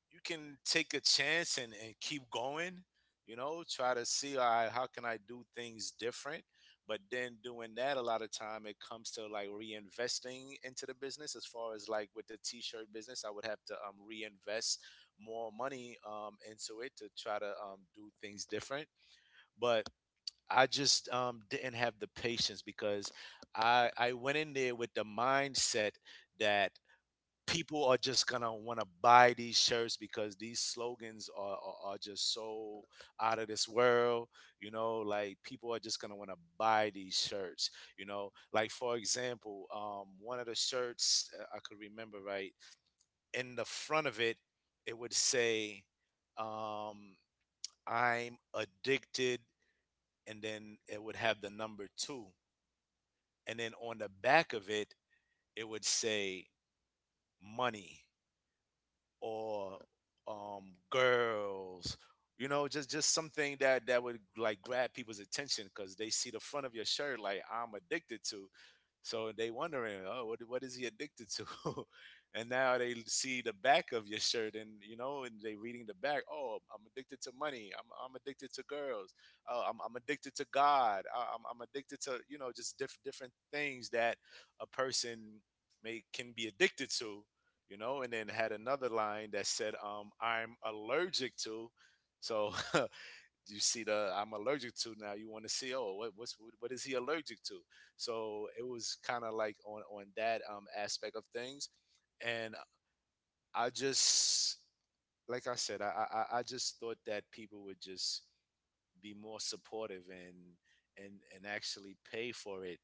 B: you can take a chance and keep going, you know, try to see, all right, how can I do things different? But then doing that a lot of time it comes to like reinvesting into the business, as far as like with the t-shirt business, I would have to reinvest more money into it to try to do things different. But I just didn't have the patience, because I went in there with the mindset that people are just gonna want to buy these shirts because these slogans are just so out of this world. You know, like people are just gonna want to buy these shirts. You know, like for example, one of the shirts I could remember right, in the front of it, it would say, um, "I'm addicted," and then it would have the number 2, and then on the back of it, it would say money, or girls, you know, just something that that would like grab people's attention, because they see the front of your shirt, like, I'm addicted to, so they wondering, oh, what is he addicted to? [LAUGHS] And now they see the back of your shirt, and you know, and they reading the back, oh, I'm addicted to money, I'm addicted to girls, oh, I'm addicted to god, I'm addicted to, you know, just different things that a person may can be addicted to, you know. And then had another line that said, I'm allergic to. So [LAUGHS] you see the I'm allergic to now. You want to see, oh, what is he allergic to? So it was kind of like on that aspect of things, and I just, like I said, I just thought that people would just be more supportive and and actually pay for it.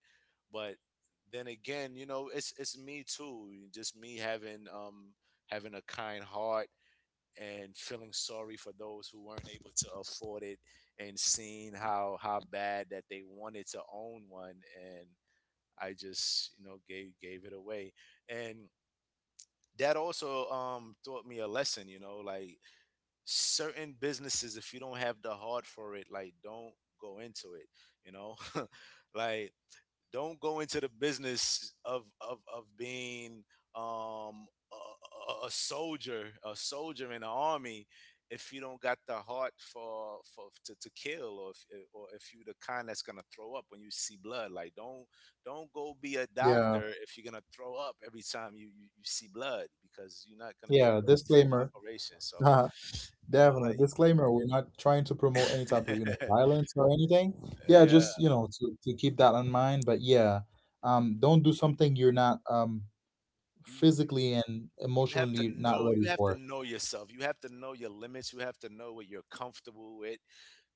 B: But then again, you know, it's me too, just me having having a kind heart and feeling sorry for those who weren't able to afford it and seeing how bad that they wanted to own one, and I just, you know, gave it away. And that also taught me a lesson, you know, like, certain businesses, if you don't have the heart for it, like, don't go into it, you know. [LAUGHS] Like, don't go into the business of of being a soldier in the army, if you don't got the heart for to kill. Or if, or if you the kind that's going to throw up when you see blood, like, don't go be a
A: Yeah,
B: doctor if you're going to throw up every time you see blood, because you're not going to be able
A: yeah,
B: to perform
A: disclaimer.
B: operations. So
A: uh,
B: you know,
A: Definitely disclaimer, we're not trying to promote any type of, you know,
B: like, [LAUGHS]
A: violence or anything. Yeah,
B: yeah.
A: just, you know, to keep that in mind. But yeah, don't do
B: you,
A: something you're not
B: you
A: physically and
B: you have to
A: emotionally not
B: know,
A: ready
B: you have
A: for
B: to
A: it.
B: know yourself, you have to know your limits, you have to know what you're comfortable with,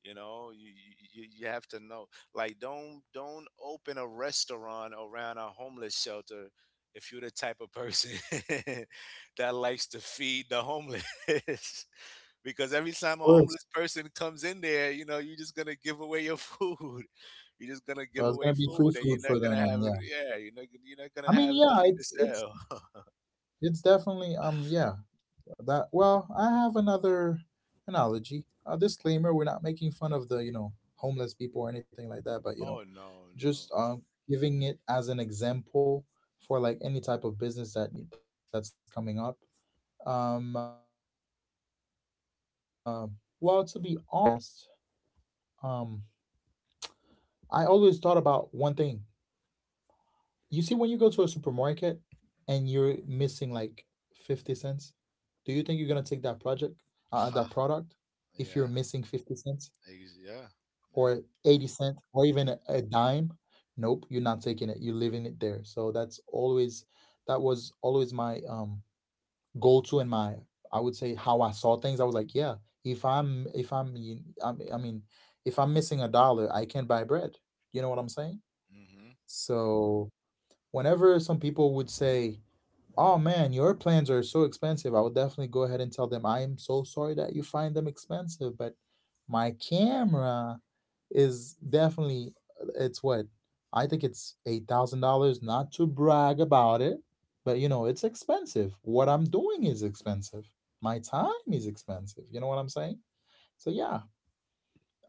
B: you know. You have to know, like, don't open a restaurant around a homeless shelter if you're the type of person [LAUGHS] that likes to feed the homeless. [LAUGHS] Because every time
A: Of
B: a
A: course,
B: homeless person comes in there, you know, you're just gonna give away your food. [LAUGHS] You're just gonna give
A: but it's
B: away
A: gonna be
B: food,
A: free
B: and you're
A: food
B: not
A: for them,
B: gonna have,
A: and yeah,
B: yeah, you're not gonna
A: I mean,
B: have
A: yeah,
B: nothing to
A: it's it's
B: sell. [LAUGHS]
A: it's definitely, um, yeah, that. Well, I have another analogy. A disclaimer: we're not making fun of the, you know, homeless people or anything like
B: Oh,
A: that, but, you
B: no,
A: know,
B: no.
A: just, um, giving it as an example for like any type of business that that's coming up. Um, uh, well, to be honest, um, I always thought about one thing. You see, when you go to a supermarket and you're missing like 50 cents, do you think you're gonna take that project,
B: Ha,
A: uh, uh, that product,
B: yeah,
A: if you're missing 50 cents
B: yeah, yeah.
A: or 80 cents or even a dime? Nope, you're not taking it. You're leaving it there. So that's always— that was always my, um, goal to— and my— I would say how I saw things. I was like, yeah, if I'm, you- I'm I mean, if I'm missing a dollar, I can't buy bread. You know what I'm saying?
B: Mm-hmm.
A: So whenever some people would say, "Oh man, your plans are so expensive," I would definitely go ahead and tell them, "I am so sorry that you find them expensive, but my camera is definitely— it's what— I think it's $8,000. Not to brag about it, but you know it's expensive. What I'm doing is expensive. My time is expensive. You know what I'm saying? So yeah."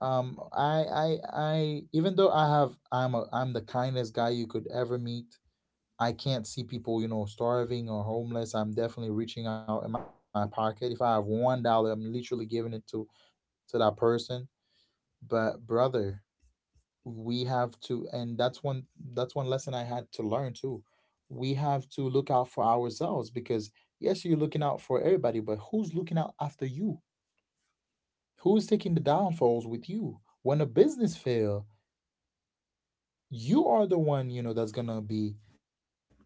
A: Even though I have— I'm the kindest guy you could ever meet. I can't see people, you know, starving or homeless. I'm definitely reaching out in my pocket. If I have $1, I'm literally giving it to that person. But brother, we have to— and that's one— that's one lesson I had to learn too. We have to look out for ourselves, because yes, you're looking out for everybody, but who's looking out after you? Who's taking the downfalls with you? When a business fail, you are the one, you know, that's gonna be, uh,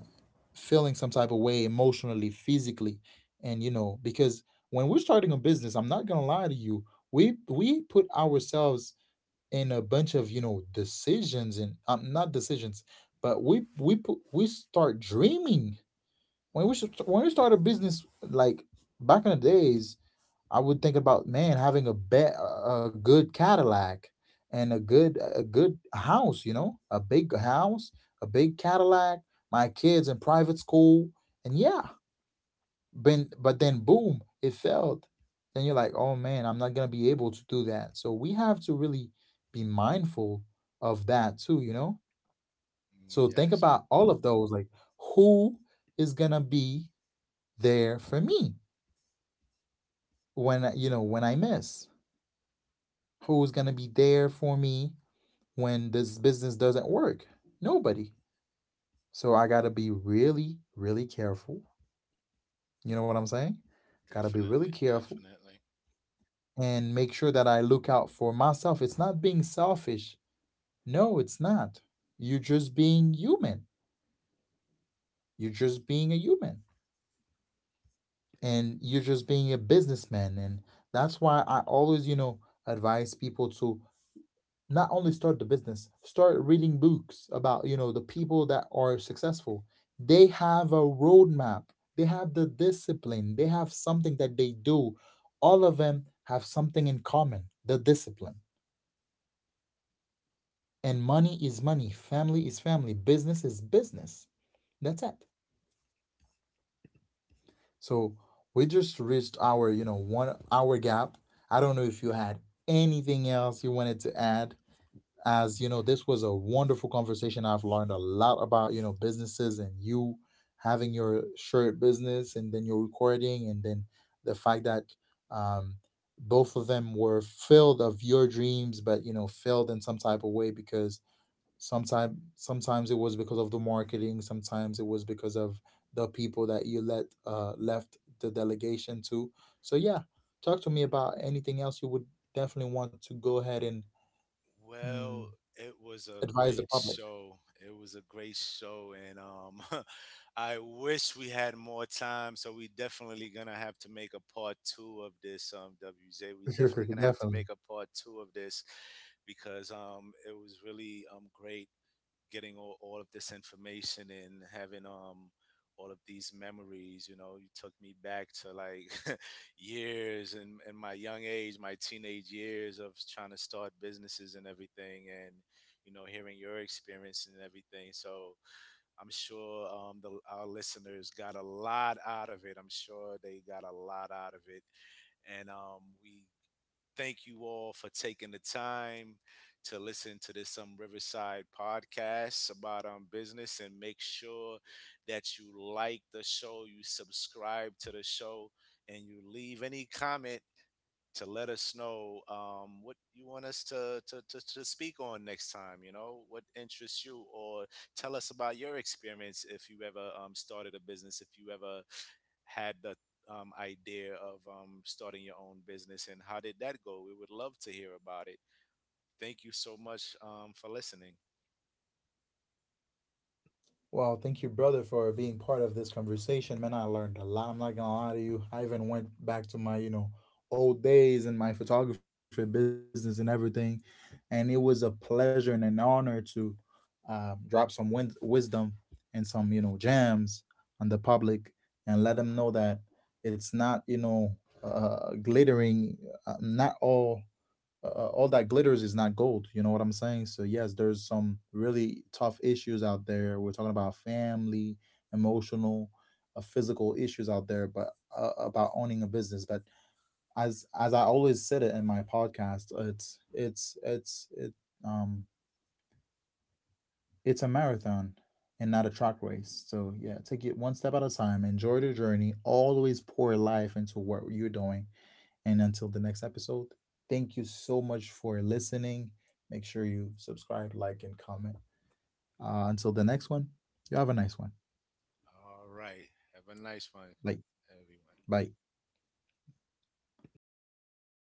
A: feeling some type of way emotionally, physically, and you know, because when we're starting a business, I'm not gonna lie to you, we put ourselves in a bunch of, you know, decisions and, not decisions, but we start dreaming when we should— when we start a business, like back in the days. I would think about, man, having a good Cadillac and a good house, you know, a big house, a big Cadillac, my kids in private school, and yeah, been— but then boom, it failed. Then you're like, oh man, I'm not gonna be able to do that. So we have to really be mindful of that too, you know. So think
B: Yes,
A: about all of those, like who is gonna be there for me when I— you know, when I miss. Who's going to be there for me when this business doesn't work? Nobody. So I got to be really, really careful. You know what I'm saying? Got to be really
B: definitely,
A: careful
B: definitely.
A: and make sure that I look out for myself. It's not being selfish. No, it's not. You're just being human. You're just being a human, and you're just being a businessman. And that's why I always, you know, advise people to not only start the business, start reading books about, you know, the people that are successful. They have a roadmap, they have the discipline, they have something that they do. All of them have something in common: the discipline. And
B: Mm.
A: money is money, family is family, business is business. That's it. So we just reached our, you know, 1 hour gap. I don't know if you had anything else you wanted to add, as, you know, this was a wonderful conversation. I've learned a lot about, you know, businesses, and you having your shirt business and then your recording, and then the fact that, um, both of them were filled of your dreams, but you know, failed in some type of way because sometimes it was because of the marketing, sometimes it was because of the people that you let, left the delegation to. So yeah, talk to me about anything else you would definitely want to go ahead and— mm,
B: Well, it was a
A: advise the
B: great
A: public.
B: show. It was a great show, and [LAUGHS] I wish we had more time. So we definitely gonna have to make a part two of this. WJ, we definitely
A: [LAUGHS]
B: gonna have to
A: Definitely.
B: make a part two of this, because it was really great getting all of this information and having all of these memories. You know, you took me back to, like, [LAUGHS] years and in my young age, my teenage years of trying to start businesses and everything, and you know, hearing your experience and everything. So I'm sure our listeners got a lot out of it, I'm sure they got a lot out of it. And we thank you all for taking the time to listen to this Riverside podcast about business. And make sure that you like the show, you subscribe to the show, and you leave any comment to let us know what you want us to speak on next time, you know, what interests you, or tell us about your experience if you ever started a business, if you ever had the idea of starting your own business, and how did that go? We would love to hear about it. Thank you so much for listening.
A: Well, thank you, brother, for being part of this conversation. Man, I learned a lot. I'm not gonna lie to you. I even went back to my, you know, old days and my photography business and everything, and it was a pleasure and an honor to, drop some wisdom and some, you know, gems on the public, and let them know that it's not, you know, glittering. Not all All that glitters is not gold. You know what I'm saying? So yes, there's some really tough issues out there. We're talking about family, emotional, physical issues out there, but, about owning a business. But as I always said it in my podcast, um it's a marathon and not a track race. So yeah, take it one step at a time. Enjoy the journey. Always pour life into what you're doing, and until the next episode, thank you so much for listening. Make sure you subscribe, like, and comment. Until the next one, you have a nice one.
B: All right. Have a nice one,
A: Like,
B: everyone.
A: bye.